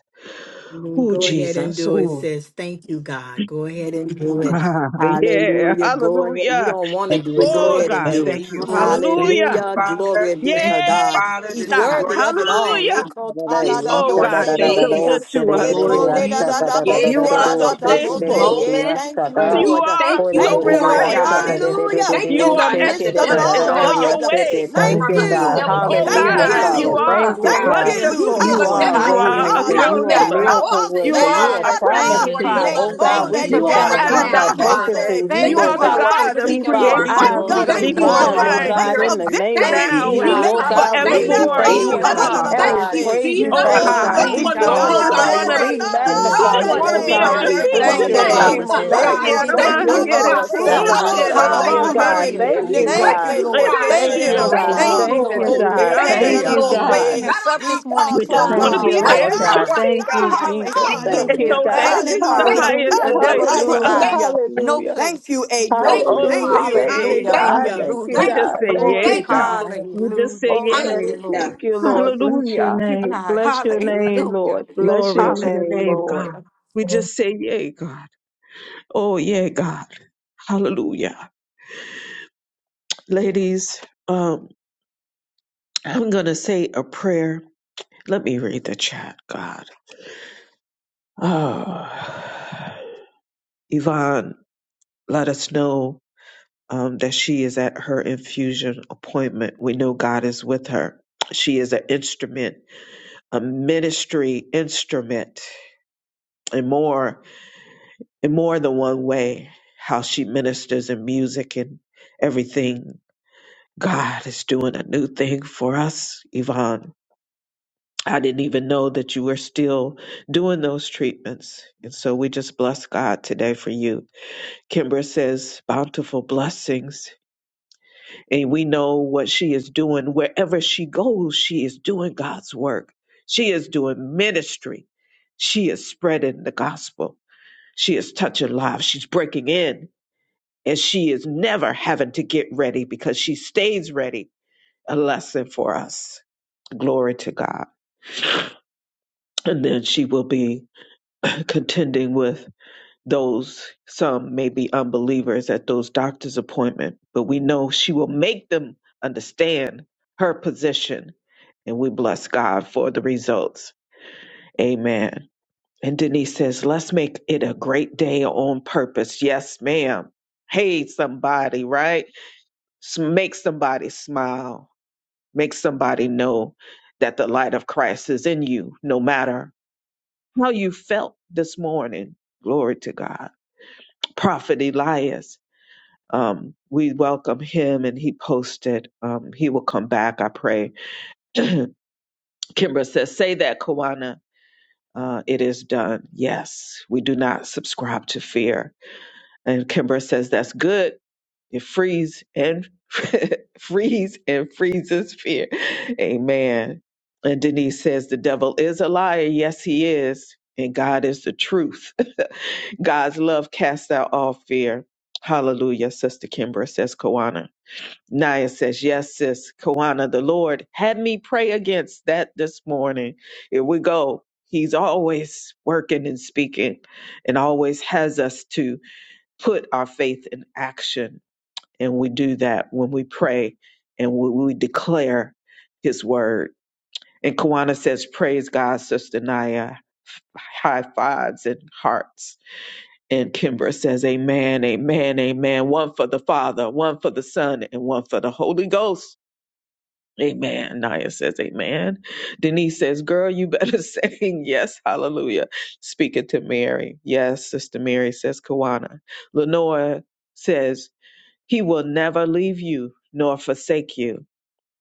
Speaker 6: Hallelujah.
Speaker 1: Oh,
Speaker 6: Go ahead and
Speaker 1: Jesus.
Speaker 6: do it,
Speaker 1: Oh, God. [LAUGHS]
Speaker 6: sis. Thank you, God. Go ahead and do it.
Speaker 1: Yeah.
Speaker 6: Hallelujah. Go ahead. You
Speaker 1: Hallelujah.
Speaker 6: don't want to
Speaker 7: Thank
Speaker 6: do
Speaker 7: you,
Speaker 6: it. Go
Speaker 1: Oh,
Speaker 7: Lord.
Speaker 6: ahead and
Speaker 1: God.
Speaker 7: Thank
Speaker 6: do it.
Speaker 1: Thank
Speaker 7: you,
Speaker 1: you.
Speaker 7: Lord. Thank you,
Speaker 1: Hallelujah.
Speaker 6: Hallelujah.
Speaker 7: Father.
Speaker 6: Glory be
Speaker 7: Thank
Speaker 6: to
Speaker 7: you,
Speaker 1: Yeah.
Speaker 6: God.
Speaker 7: Father.
Speaker 6: He's
Speaker 7: This is
Speaker 1: God.
Speaker 7: your
Speaker 6: worthy of it all.
Speaker 7: time.
Speaker 1: Hallelujah.
Speaker 3: Thank
Speaker 7: This is
Speaker 3: you,
Speaker 1: Oh
Speaker 7: your
Speaker 3: God.
Speaker 1: God, you're so
Speaker 6: Lekotadadaboseko-dea.
Speaker 3: Hallelujah,
Speaker 1: good
Speaker 7: space.
Speaker 1: to us,
Speaker 7: Lord,
Speaker 1: Lord.
Speaker 7: you gave
Speaker 1: You are
Speaker 7: us
Speaker 1: so
Speaker 7: this
Speaker 6: Ekoledadadabosedadadabose.
Speaker 1: faithful.
Speaker 6: Yeah,
Speaker 7: moment,
Speaker 6: thank you,
Speaker 7: and
Speaker 1: You
Speaker 7: we
Speaker 6: Lord.
Speaker 1: are
Speaker 7: thank you
Speaker 1: so
Speaker 6: Thank you,
Speaker 7: for it,
Speaker 6: Lord.
Speaker 1: reliable.
Speaker 7: God.
Speaker 6: Hallelujah.
Speaker 7: Thank
Speaker 1: You
Speaker 7: you,
Speaker 6: In the
Speaker 1: are
Speaker 7: God, that the
Speaker 6: midst of it
Speaker 1: excellent
Speaker 7: devil
Speaker 1: in
Speaker 6: all,
Speaker 7: will
Speaker 1: all
Speaker 7: not take
Speaker 6: God.
Speaker 1: your
Speaker 7: this
Speaker 1: ways.
Speaker 6: Thank
Speaker 7: from us.
Speaker 5: Hallelujah,
Speaker 7: The
Speaker 6: you.
Speaker 7: devil can't
Speaker 1: Oh
Speaker 5: hallelujah,
Speaker 7: take
Speaker 6: Thank
Speaker 8: Hallelujah.
Speaker 1: God,
Speaker 5: hallelujah.
Speaker 3: Father.
Speaker 1: you
Speaker 7: anything
Speaker 6: you.
Speaker 7: from
Speaker 8: Hallelujah.
Speaker 7: us,
Speaker 1: are
Speaker 3: Thank you,
Speaker 6: Thank
Speaker 8: Glory
Speaker 7: God.
Speaker 8: to
Speaker 3: God.
Speaker 8: your
Speaker 6: you.
Speaker 7: You
Speaker 8: name,
Speaker 1: wonderful.
Speaker 7: give
Speaker 3: You
Speaker 6: Ha,
Speaker 7: us
Speaker 8: Lord.
Speaker 3: are a
Speaker 6: my
Speaker 1: You
Speaker 3: way
Speaker 7: everything.
Speaker 1: are a
Speaker 7: You
Speaker 3: maker.
Speaker 6: God.
Speaker 7: are the
Speaker 3: You are a
Speaker 8: Hallelujah.
Speaker 7: maker
Speaker 1: counselor.
Speaker 7: of
Speaker 6: Ekaba
Speaker 7: all
Speaker 3: miracle
Speaker 7: things,
Speaker 1: You
Speaker 3: worker.
Speaker 1: are
Speaker 3: You are a
Speaker 1: a
Speaker 8: Yes,
Speaker 7: Father.
Speaker 1: prince
Speaker 6: senatata,
Speaker 8: thank
Speaker 3: promise
Speaker 7: And
Speaker 1: of
Speaker 8: you,
Speaker 7: Lord,
Speaker 3: keeper.
Speaker 7: your
Speaker 4: Hallelujah,
Speaker 8: Father.
Speaker 1: peace.
Speaker 7: love
Speaker 3: Oh
Speaker 4: my
Speaker 7: is what
Speaker 3: God,
Speaker 7: we
Speaker 8: Thank
Speaker 4: God.
Speaker 3: we
Speaker 8: you
Speaker 6: lekone
Speaker 7: need
Speaker 8: for
Speaker 7: in
Speaker 4: You
Speaker 3: just
Speaker 1: You
Speaker 4: are
Speaker 7: here
Speaker 1: are
Speaker 8: being
Speaker 3: gotta
Speaker 4: my
Speaker 8: the
Speaker 7: right
Speaker 6: teta
Speaker 3: keep
Speaker 8: promise
Speaker 7: now,
Speaker 3: our
Speaker 4: Lord, my
Speaker 1: Adonai.
Speaker 8: keeper.
Speaker 3: focus
Speaker 7: Father.
Speaker 6: tabose,
Speaker 3: in
Speaker 4: sovereign
Speaker 3: you,
Speaker 8: Thank
Speaker 6: uh,
Speaker 1: You
Speaker 7: Thank
Speaker 8: you,
Speaker 3: Lord
Speaker 4: Lord.
Speaker 1: are
Speaker 7: you,
Speaker 1: the
Speaker 6: We
Speaker 3: God.
Speaker 8: Father,
Speaker 7: Lord,
Speaker 8: for
Speaker 7: for
Speaker 1: God
Speaker 6: fight.
Speaker 1: of
Speaker 8: lifting
Speaker 7: speaking
Speaker 3: Keep
Speaker 8: us
Speaker 7: to
Speaker 6: We
Speaker 3: our
Speaker 8: up
Speaker 4: Oh,
Speaker 7: our
Speaker 1: creation
Speaker 8: even
Speaker 6: fight,
Speaker 7: hearts.
Speaker 3: eyes
Speaker 8: when we
Speaker 4: glory
Speaker 6: God.
Speaker 3: on the
Speaker 4: to
Speaker 6: We
Speaker 7: Thank
Speaker 8: don't know
Speaker 7: you,
Speaker 4: you
Speaker 1: before
Speaker 6: war
Speaker 4: and
Speaker 8: you're
Speaker 3: prize,
Speaker 7: Holy
Speaker 6: from
Speaker 3: oh
Speaker 6: a
Speaker 8: lifting
Speaker 1: time
Speaker 4: honor.
Speaker 8: us
Speaker 3: God,
Speaker 6: place
Speaker 1: and
Speaker 7: Spirit.
Speaker 8: up.
Speaker 3: in
Speaker 6: of
Speaker 3: the name
Speaker 7: Thank
Speaker 3: of
Speaker 8: Thank
Speaker 6: victory.
Speaker 7: you,
Speaker 8: you,
Speaker 1: now
Speaker 4: You
Speaker 1: and
Speaker 3: Jesus.
Speaker 4: are
Speaker 8: God.
Speaker 3: Oh
Speaker 7: Jesus.
Speaker 6: Make
Speaker 3: God,
Speaker 6: hope
Speaker 3: we
Speaker 7: Thank
Speaker 4: wonderful.
Speaker 8: Hallelujah.
Speaker 6: he
Speaker 8: We
Speaker 3: just
Speaker 4: You
Speaker 7: you,
Speaker 6: left
Speaker 4: are
Speaker 1: forevermore.
Speaker 3: thank
Speaker 8: praise
Speaker 1: You
Speaker 4: worthy
Speaker 6: hold
Speaker 3: you.
Speaker 8: your
Speaker 4: of
Speaker 6: da,
Speaker 7: Jesus.
Speaker 4: it
Speaker 6: da, da,
Speaker 1: are.
Speaker 8: name,
Speaker 6: da,
Speaker 4: all.
Speaker 3: And
Speaker 7: Thank
Speaker 6: both
Speaker 3: we
Speaker 4: Of
Speaker 8: God.
Speaker 7: you,
Speaker 6: say.
Speaker 4: course
Speaker 3: praise
Speaker 4: you
Speaker 8: You
Speaker 3: you,
Speaker 7: Jesus.
Speaker 1: Oh
Speaker 4: are.
Speaker 8: praise
Speaker 3: Father
Speaker 8: your
Speaker 1: God.
Speaker 7: No
Speaker 3: God.
Speaker 6: Glory
Speaker 3: We
Speaker 6: be
Speaker 8: name,
Speaker 7: one
Speaker 6: to
Speaker 7: will
Speaker 1: We
Speaker 8: God.
Speaker 7: hold
Speaker 6: God.
Speaker 1: just
Speaker 7: our
Speaker 3: glorify
Speaker 6: Eh,
Speaker 1: want
Speaker 3: you.
Speaker 1: to.
Speaker 4: Jesus.
Speaker 6: na,
Speaker 3: We
Speaker 6: na,
Speaker 7: praise.
Speaker 8: Hallelujah.
Speaker 6: na,
Speaker 1: We
Speaker 3: magnify
Speaker 7: No
Speaker 1: just
Speaker 6: da,
Speaker 3: you,
Speaker 4: Hallelujah,
Speaker 7: one,
Speaker 1: want to
Speaker 3: oh
Speaker 1: be
Speaker 6: da,
Speaker 1: at
Speaker 6: da,
Speaker 3: God.
Speaker 8: Hallelujah.
Speaker 1: your
Speaker 3: We
Speaker 4: hallelujah,
Speaker 7: Father,
Speaker 6: da, da,
Speaker 1: feet
Speaker 3: bless
Speaker 7: will
Speaker 6: da,
Speaker 8: Thank
Speaker 4: hallelujah.
Speaker 8: you,
Speaker 3: your
Speaker 6: ba,
Speaker 4: That you're
Speaker 6: ba.
Speaker 7: silence
Speaker 1: today.
Speaker 8: Father,
Speaker 3: name,
Speaker 4: always
Speaker 8: for
Speaker 7: us,
Speaker 3: oh
Speaker 4: here for
Speaker 3: God.
Speaker 6: Me
Speaker 8: loving
Speaker 4: us,
Speaker 7: God.
Speaker 8: us
Speaker 3: You're
Speaker 6: lo
Speaker 4: Lord.
Speaker 8: even
Speaker 6: te,
Speaker 8: when
Speaker 7: Thank
Speaker 3: so
Speaker 8: we
Speaker 6: ta,
Speaker 3: good
Speaker 8: don't
Speaker 7: you,
Speaker 3: to
Speaker 6: bo,
Speaker 8: love
Speaker 1: Yanamahiri
Speaker 3: us,
Speaker 6: si,
Speaker 7: Father.
Speaker 3: oh
Speaker 8: ourselves.
Speaker 6: da,
Speaker 3: God.
Speaker 4: Hallelujah,
Speaker 6: da, da,
Speaker 1: kurushira
Speaker 7: Hallelujah.
Speaker 3: Thank
Speaker 6: bo,
Speaker 7: Thank
Speaker 3: you,
Speaker 6: sa,
Speaker 4: hallelujah,
Speaker 7: you,
Speaker 3: God.
Speaker 6: de.
Speaker 7: Jesus.
Speaker 8: Hallelujah.
Speaker 1: ramahande.
Speaker 4: hallelujah,
Speaker 3: Thank
Speaker 6: Ne,
Speaker 3: you,
Speaker 6: ko,
Speaker 8: Thank
Speaker 7: Thank
Speaker 4: hallelujah.
Speaker 3: God.
Speaker 8: you,
Speaker 6: te,
Speaker 7: you,
Speaker 8: Lord.
Speaker 6: te, le, de, de,
Speaker 8: Thank
Speaker 3: Thank
Speaker 7: Father.
Speaker 8: you,
Speaker 6: de,
Speaker 1: Ereshira
Speaker 3: you,
Speaker 6: bo,
Speaker 8: Lord.
Speaker 4: Thank you,
Speaker 7: Thank
Speaker 3: God.
Speaker 7: you,
Speaker 8: Thank
Speaker 6: sa.
Speaker 8: you,
Speaker 4: Lord.
Speaker 3: Thank
Speaker 8: Lord.
Speaker 3: you,
Speaker 7: Lord.
Speaker 6: Mo,
Speaker 3: God.
Speaker 6: te, la,
Speaker 7: Thank
Speaker 6: da, da,
Speaker 3: Thank
Speaker 4: Thank
Speaker 8: Thank
Speaker 7: you,
Speaker 4: you,
Speaker 1: roroshetereyandeya.
Speaker 6: da,
Speaker 8: you
Speaker 3: you,
Speaker 6: bo,
Speaker 8: for
Speaker 7: Lord.
Speaker 3: God.
Speaker 8: waking
Speaker 6: te.
Speaker 7: Not
Speaker 8: us
Speaker 4: Jesus.
Speaker 7: on
Speaker 8: up
Speaker 7: our
Speaker 6: Glee,
Speaker 8: this morning,
Speaker 7: watch,
Speaker 6: ka,
Speaker 1: We
Speaker 6: ta,
Speaker 1: just
Speaker 8: closed
Speaker 1: want
Speaker 8: in
Speaker 3: Thank
Speaker 1: to
Speaker 7: God.
Speaker 6: ta.
Speaker 4: Glory
Speaker 8: our
Speaker 3: you,
Speaker 1: be
Speaker 4: to
Speaker 6: Yeah,
Speaker 4: your
Speaker 7: Not
Speaker 8: right
Speaker 7: on
Speaker 1: there
Speaker 3: Lord
Speaker 1: at
Speaker 6: God.
Speaker 7: your
Speaker 1: your
Speaker 4: name.
Speaker 3: God.
Speaker 8: mind.
Speaker 6: Yeah,
Speaker 7: watch,
Speaker 1: feet
Speaker 3: Thank
Speaker 6: God.
Speaker 3: you,
Speaker 7: God.
Speaker 1: God,
Speaker 6: Yeah,
Speaker 3: Jesus.
Speaker 7: Thank you,
Speaker 6: God.
Speaker 3: Thank
Speaker 4: Amen.
Speaker 1: and
Speaker 3: you,
Speaker 8: Hallelujah.
Speaker 7: Father.
Speaker 1: know that
Speaker 3: God.
Speaker 8: Thank
Speaker 1: it
Speaker 8: you,
Speaker 1: is the
Speaker 7: Thank
Speaker 8: Father.
Speaker 6: Hallelujah.
Speaker 7: you,
Speaker 1: highest
Speaker 3: Hallelujah.
Speaker 6: Ha,
Speaker 8: The devil
Speaker 1: place
Speaker 7: Lord.
Speaker 8: is a
Speaker 1: for us.
Speaker 3: Hallelujah.
Speaker 8: lie.
Speaker 7: Thank
Speaker 6: Hallelujah.
Speaker 7: you.
Speaker 8: No
Speaker 3: Hallelujah.
Speaker 6: Thank
Speaker 8: place.
Speaker 6: you,
Speaker 8: No
Speaker 7: Thank
Speaker 6: April.
Speaker 7: you,
Speaker 8: place.
Speaker 1: Oh,
Speaker 6: Thank
Speaker 3: Hallelujah.
Speaker 6: you.
Speaker 7: Father.
Speaker 3: Thank you,
Speaker 1: yay,
Speaker 8: Hallelujah.
Speaker 7: Thank
Speaker 1: God.
Speaker 3: God.
Speaker 6: Hallelujah.
Speaker 7: you.
Speaker 3: Thank you,
Speaker 1: We
Speaker 8: Hallelujah.
Speaker 7: Thank
Speaker 1: just
Speaker 3: God.
Speaker 1: say,
Speaker 7: you.
Speaker 3: Thank you,
Speaker 1: yay,
Speaker 8: Glory.
Speaker 7: Thank
Speaker 1: God.
Speaker 7: you,
Speaker 3: God.
Speaker 7: Lord.
Speaker 1: We just
Speaker 8: Hallelujah.
Speaker 1: say,
Speaker 3: Oh,
Speaker 8: Thank
Speaker 3: bless.
Speaker 1: yay.
Speaker 8: you,
Speaker 7: Hallelujah.
Speaker 8: Lord.
Speaker 3: Thank you, Lord. Bless your
Speaker 1: Hallelujah.
Speaker 8: Thank you,
Speaker 3: name.
Speaker 8: God.
Speaker 3: Bless your name,
Speaker 8: Hallelujah.
Speaker 3: Lord. Bless
Speaker 1: Glory
Speaker 3: your
Speaker 1: to your
Speaker 3: name,
Speaker 1: name,
Speaker 3: Lord.
Speaker 1: God.
Speaker 8: Hallelujah.
Speaker 1: We
Speaker 2: morning.
Speaker 1: just say, yay, God. Oh, yeah, God. Hallelujah. Ladies, um, I'm going to say a prayer. Let me read the chat, God. Oh. Yvonne let us know um, that she is at her infusion appointment. We know God is with her. She is an instrument, a ministry instrument, and more in more than one way. How she ministers in music and everything. God is doing a new thing for us, Yvonne. I didn't even know that you were still doing those treatments. And so we just bless God today for you. Kimbra says, bountiful blessings. And we know what she is doing. Wherever she goes, she is doing God's work. She is doing ministry. She is spreading the gospel. She is touching lives. She's breaking in. And she is never having to get ready because she stays ready. A lesson for us. Glory to God. And then she will be contending with those some may be unbelievers at those doctor's appointment, but we know she will make them understand her position, and we bless God for the results. Amen. And Denise says, "Let's make it a great day on purpose." Yes, ma'am. Hey, somebody, right? S- Make somebody smile. Make somebody know that the light of Christ is in you, no matter how you felt this morning. Glory to God. Prophet Elias. um, we welcome him and he posted um, he will come back i pray [CLEARS THROAT] kimbra says say that kawana uh, it is done yes we do not subscribe to fear and kimbra says that's good it frees and [LAUGHS] frees and freezes fear amen and denise says the devil is a liar yes he is and god is the truth [LAUGHS] god's love casts out all fear hallelujah sister kimbra says kawana Naya says, Yes, sis, Kawana, the Lord had me pray against that this morning. Here we go. He's always working and speaking and always has us to put our faith in action. And we do that when we pray and when we declare his word. And Kawana says, Praise God, Sister Naya. High fives and hearts. And Kimbra says, Amen, amen, amen. One for the Father, one for the Son, and one for the Holy Ghost. Amen. Naya says, Amen. Denise says, Girl, you better [LAUGHS] say yes. Hallelujah. Speak it to Mary. Yes, Sister Mary says, Kawana. Lenora says, He will never leave you nor forsake you.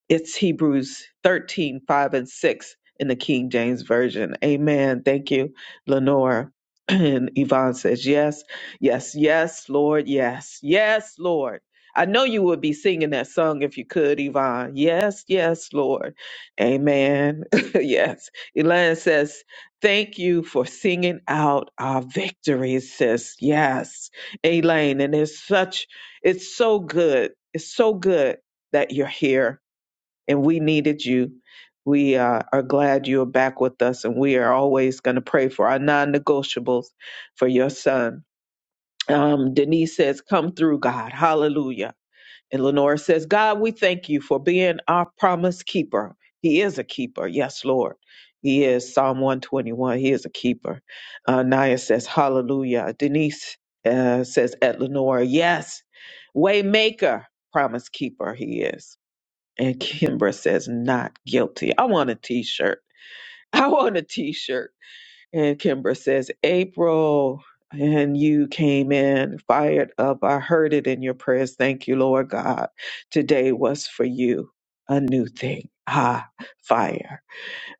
Speaker 1: It's Hebrews 13 5 and 6 in the King James Version. Amen. Thank you, Lenora. [CLEARS THROAT] And Yvonne says, Yes, yes, yes, Lord, yes, yes, Lord. I know you would be singing that song if you could, Yvonne. Yes, yes, Lord. Amen. [LAUGHS] yes. Elaine says, Thank you for singing out our victories, sis. Yes, Elaine. And it's such, it's so good. It's so good that you're here and we needed you. We uh, are glad you are back with us, and we are always going to pray for our non negotiables for your son. Um, Denise says, Come through, God. Hallelujah. And Lenora says, God, we thank you for being our promise keeper. He is a keeper. Yes, Lord. He is Psalm 121. He is a keeper. Uh, Naya says, Hallelujah. Denise uh, says, At Lenora, yes. Waymaker, promise keeper, he is. And Kimbra says, not guilty. I want a t shirt. I want a t shirt. And Kimbra says, April, and you came in fired up. I heard it in your prayers. Thank you, Lord God. Today was for you a new thing. Ah, fire.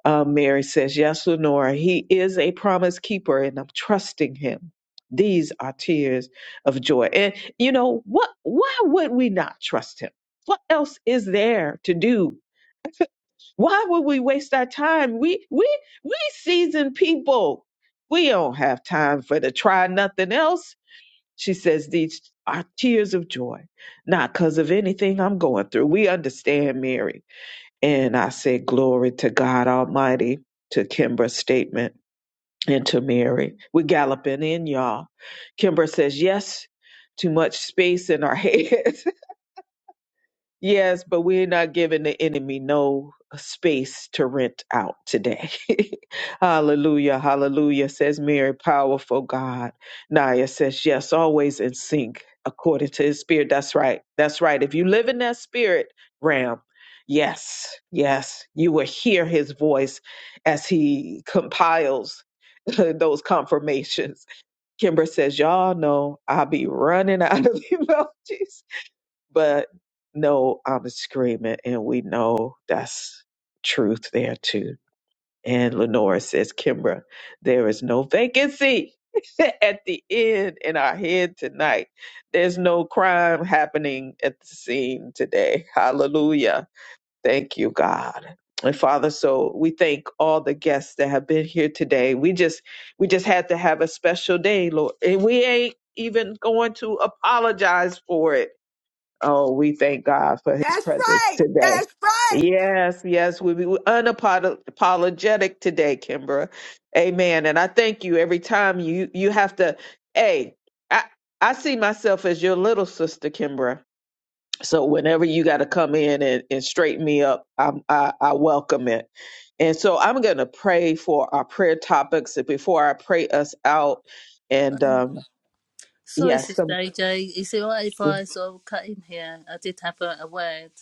Speaker 1: Uh, Mary says, Yes, Lenora, he is a promise keeper and I'm trusting him. These are tears of joy. And you know, what why would we not trust him? What else is there to do? [LAUGHS] Why would we waste our time? We we we seasoned people. We don't have time for to try nothing else. She says these are tears of joy, not because of anything I'm going through. We understand, Mary and I said, Glory to God Almighty, to Kimbra's statement and to Mary. We're galloping in, y'all. Kimbra says, Yes, too much space in our head. [LAUGHS] Yes, but we're not giving the enemy no uh, space to rent out today. [LAUGHS] hallelujah, hallelujah, says Mary, powerful God. Naya says, yes, always in sync according to his spirit. That's right, that's right. If you live in that spirit realm, yes, yes, you will hear his voice as he compiles [LAUGHS] those confirmations. Kimber says, y'all know I'll be running out of [LAUGHS] emojis but no, I'm screaming, and we know that's truth there too. And Lenora says, Kimbra, there is no vacancy [LAUGHS] at the end in our head tonight. There's no crime happening at the scene today. Hallelujah. Thank you, God. And Father, so we thank all the guests that have been here today. We just we just had to have a special day, Lord. And we ain't even going to apologize for it Oh, we thank God for his
Speaker 6: That's
Speaker 1: presence
Speaker 6: right.
Speaker 1: today.
Speaker 6: That's right.
Speaker 1: Yes, yes, we be unapologetic today, Kimbra. Amen. And I thank you every time you you have to. Hey, I I see myself as your little sister, Kimbra. So whenever you got to come in and, and straighten me up, I'm, I I welcome it. And so I'm gonna pray for our prayer topics before I pray us out. And um,
Speaker 4: Sorry,
Speaker 1: yes,
Speaker 4: Sister AJ. Is it right if I sort of cut in here? I did have a, a word.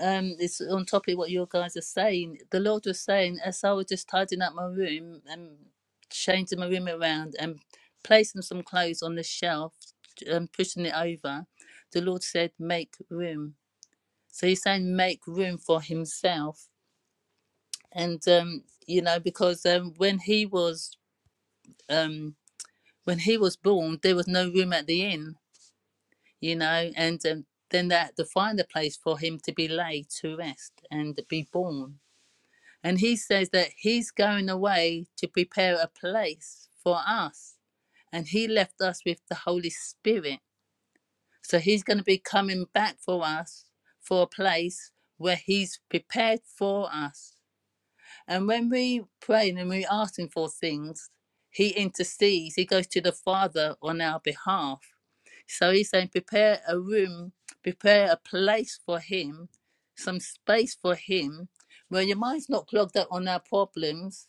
Speaker 4: Um, it's on topic what you guys are saying. The Lord was saying, as I was just tidying up my room and changing my room around and placing some clothes on the shelf and pushing it over, the Lord said, make room. So he's saying, make room for himself. And, um, you know, because um, when he was um, when he was born, there was no room at the inn you know, and um, then that to find a place for him to be laid to rest and be born. And he says that he's going away to prepare a place for us, and he left us with the Holy Spirit. So he's going to be coming back for us for a place where he's prepared for us. And when we pray and we ask Him for things, He intercedes, He goes to the Father on our behalf. So He's saying, prepare a room, prepare a place for Him, some space for Him, where your mind's not clogged up on our problems.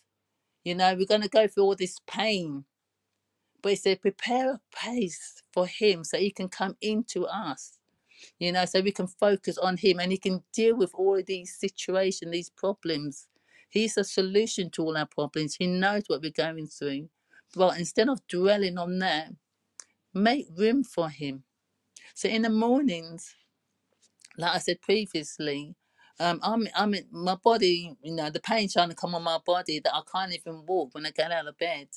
Speaker 4: You know, we're going to go through all this pain. But He said, prepare a place for Him so He can come into us you know so we can focus on him and he can deal with all of these situations these problems he's the solution to all our problems he knows what we're going through but instead of dwelling on that make room for him so in the mornings like i said previously um, I'm, I'm in my body, you know, the pain trying to come on my body that I can't even walk when I get out of bed.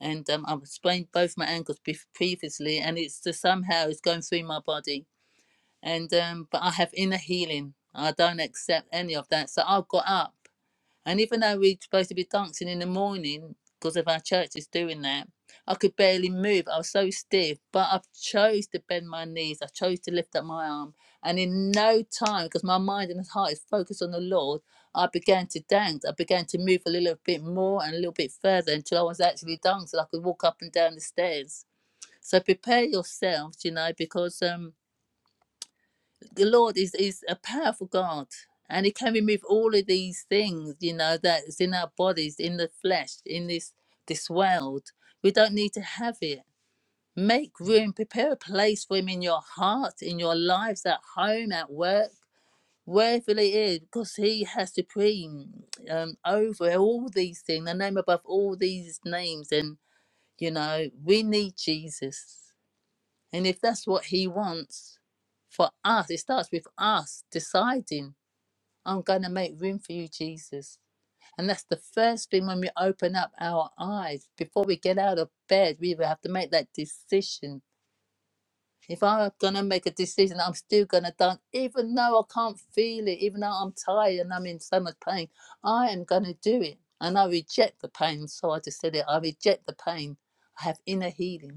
Speaker 4: And um, I've sprained both my ankles previously, and it's just somehow it's going through my body and um, but I have inner healing. I don't accept any of that. So I got up, and even though we're supposed to be dancing in the morning because of our church is doing that, I could barely move. I was so stiff, but I chose to bend my knees. I chose to lift up my arm, and in no time, because my mind and heart is focused on the Lord, I began to dance. I began to move a little bit more and a little bit further until I was actually dancing. I could walk up and down the stairs. So prepare yourselves, you know, because um the Lord is, is a powerful God and He can remove all of these things, you know, that's in our bodies, in the flesh, in this this world. We don't need to have it. Make room, prepare a place for Him in your heart, in your lives, at home, at work, wherever it is, because He has supreme um, over all these things, the name above all these names. And, you know, we need Jesus. And if that's what He wants for us, it starts with us deciding, I'm going to make room for you, Jesus. And that's the first thing when we open up our eyes. Before we get out of bed, we will have to make that decision. If I'm going to make a decision, I'm still going to dance, even though I can't feel it, even though I'm tired and I'm in so much pain, I am going to do it. And I reject the pain. So I just said it I reject the pain. I have inner healing.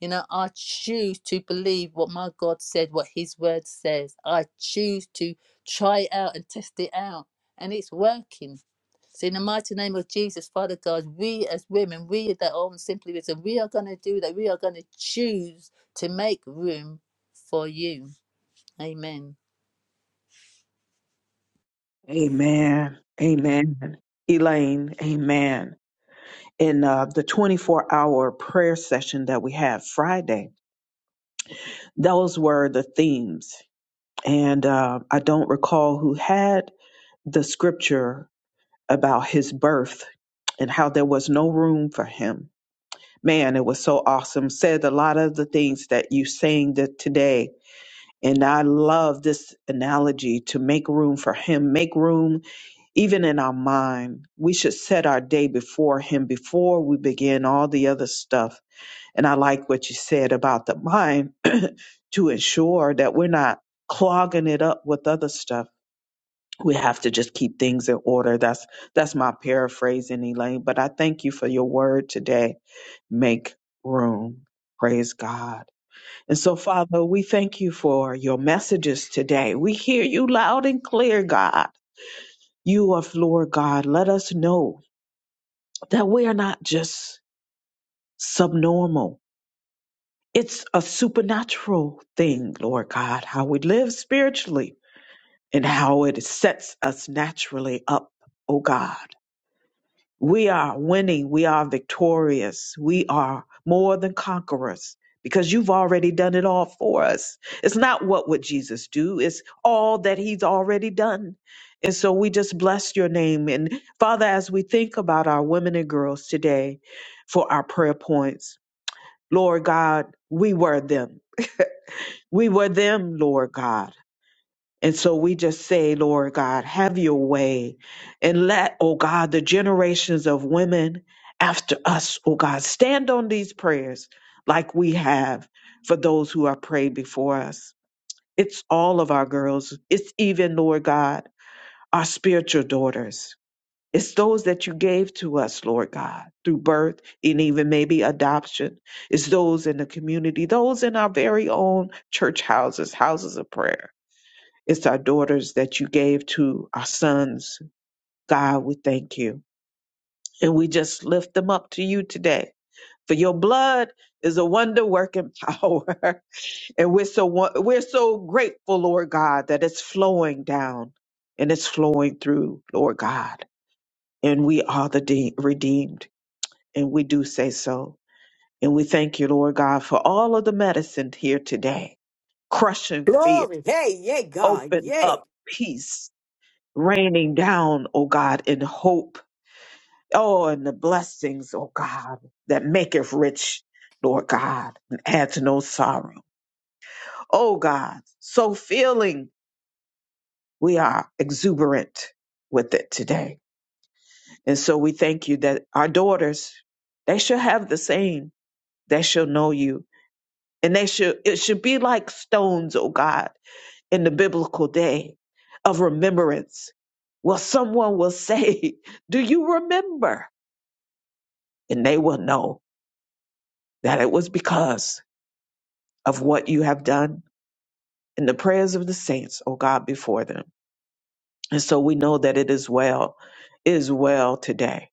Speaker 4: You know, I choose to believe what my God said, what His word says. I choose to try it out and test it out. And it's working. So, in the mighty name of Jesus, Father God, we as women, we that are on Simply Wisdom, we are going to do that. We are going to choose to make room for you. Amen.
Speaker 1: Amen. Amen. Elaine, amen. In uh, the 24 hour prayer session that we had Friday, those were the themes. And uh, I don't recall who had the scripture about his birth and how there was no room for him. Man, it was so awesome. Said a lot of the things that you saying that today. And I love this analogy to make room for him, make room even in our mind, we should set our day before Him before we begin all the other stuff. And I like what you said about the mind [CLEARS THROAT] to ensure that we're not clogging it up with other stuff. We have to just keep things in order. That's that's my paraphrasing, Elaine. But I thank you for your word today. Make room. Praise God. And so, Father, we thank you for your messages today. We hear you loud and clear, God. You are Lord God. Let us know that we are not just subnormal. It's a supernatural thing, Lord God, how we live spiritually and how it sets us naturally up, O God. We are winning. We are victorious. We are more than conquerors because you've already done it all for us. It's not what would Jesus do, it's all that he's already done. And so we just bless your name. And Father, as we think about our women and girls today for our prayer points, Lord God, we were them. We were them, Lord God. And so we just say, Lord God, have your way and let, oh God, the generations of women after us, oh God, stand on these prayers like we have for those who have prayed before us. It's all of our girls. It's even, Lord God, our spiritual daughters. It's those that you gave to us, Lord God, through birth and even maybe adoption. It's those in the community, those in our very own church houses, houses of prayer. It's our daughters that you gave to our sons. God, we thank you. And we just lift them up to you today. For your blood is a wonder working power. [LAUGHS] and we're so won- we're so grateful, Lord God, that it's flowing down and it's flowing through, Lord God. And we are the de- redeemed. And we do say so. And we thank you, Lord God, for all of the medicine here today, crushing fear,
Speaker 6: Glory. Hey, yay, God.
Speaker 1: open
Speaker 6: Yay.
Speaker 1: up peace, raining down, oh God, in hope. Oh, and the blessings, oh God, that maketh rich, Lord God, and adds no sorrow. Oh God, so feeling we are exuberant with it today. And so we thank you that our daughters, they shall have the same. They shall know you And they should it should be like stones, oh God, in the biblical day of remembrance. Well, someone will say, [LAUGHS] Do you remember? And they will know that it was because of what you have done in the prayers of the saints, oh God, before them. And so we know that it is well, it is well today.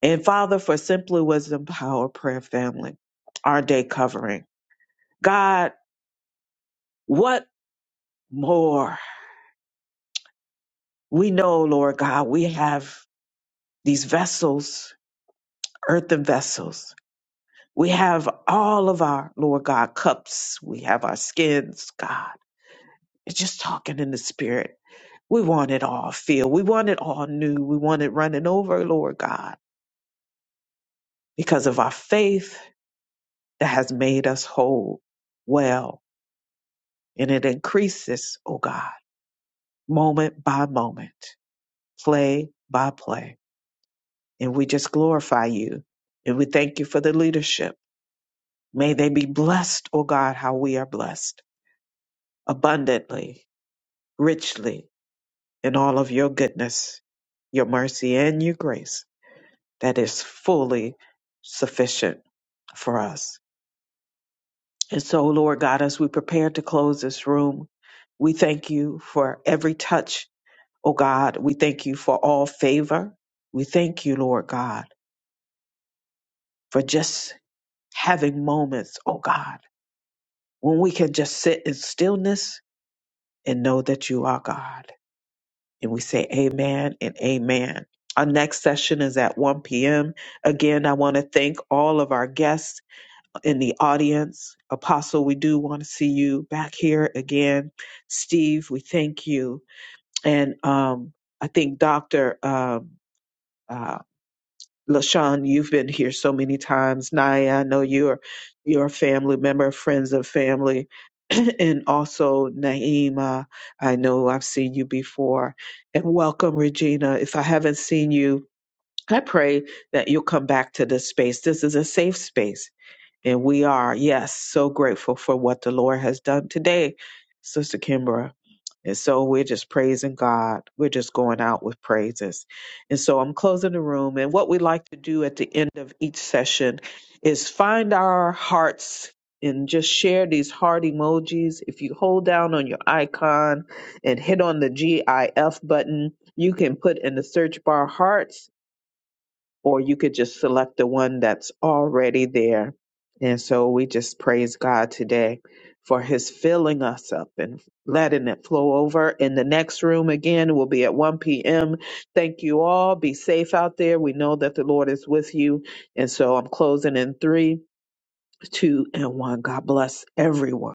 Speaker 1: And Father, for Simply Wisdom Power Prayer Family, our day covering. God, what more? We know, Lord God, we have these vessels, earthen vessels. We have all of our, Lord God, cups. We have our skins, God. It's just talking in the spirit. We want it all filled. We want it all new. We want it running over, Lord God, because of our faith that has made us whole, well, and it increases, oh God, moment by moment, play by play. And we just glorify you and we thank you for the leadership. May they be blessed, oh God, how we are blessed. abundantly, richly, in all of your goodness, your mercy, and your grace that is fully sufficient for us. And so, Lord God, as we prepare to close this room, we thank you for every touch, oh God. We thank you for all favor. We thank you, Lord God, for just having moments, oh God, when we can just sit in stillness and know that you are God. And we say amen and amen. Our next session is at 1 p.m. Again, I want to thank all of our guests in the audience. Apostle, we do want to see you back here again. Steve, we thank you. And um, I think Dr. Um, uh, LaShawn, you've been here so many times. Naya, I know you're you're a family member, friends of family. [CLEARS THROAT] and also Naima, I know I've seen you before. And welcome, Regina. If I haven't seen you, I pray that you'll come back to this space. This is a safe space and we are, yes, so grateful for what the Lord has done today, Sister Kimbra. And so we're just praising God. We're just going out with praises. And so I'm closing the room. And what we like to do at the end of each session is find our hearts and just share these heart emojis. If you hold down on your icon and hit on the GIF button, you can put in the search bar hearts or you could just select the one that's already there. And so we just praise God today for his filling us up and letting it flow over. In the next room again will be at 1 p.m. Thank you all. Be safe out there. We know that the Lord is with you. And so I'm closing in three, two, and one. God bless everyone.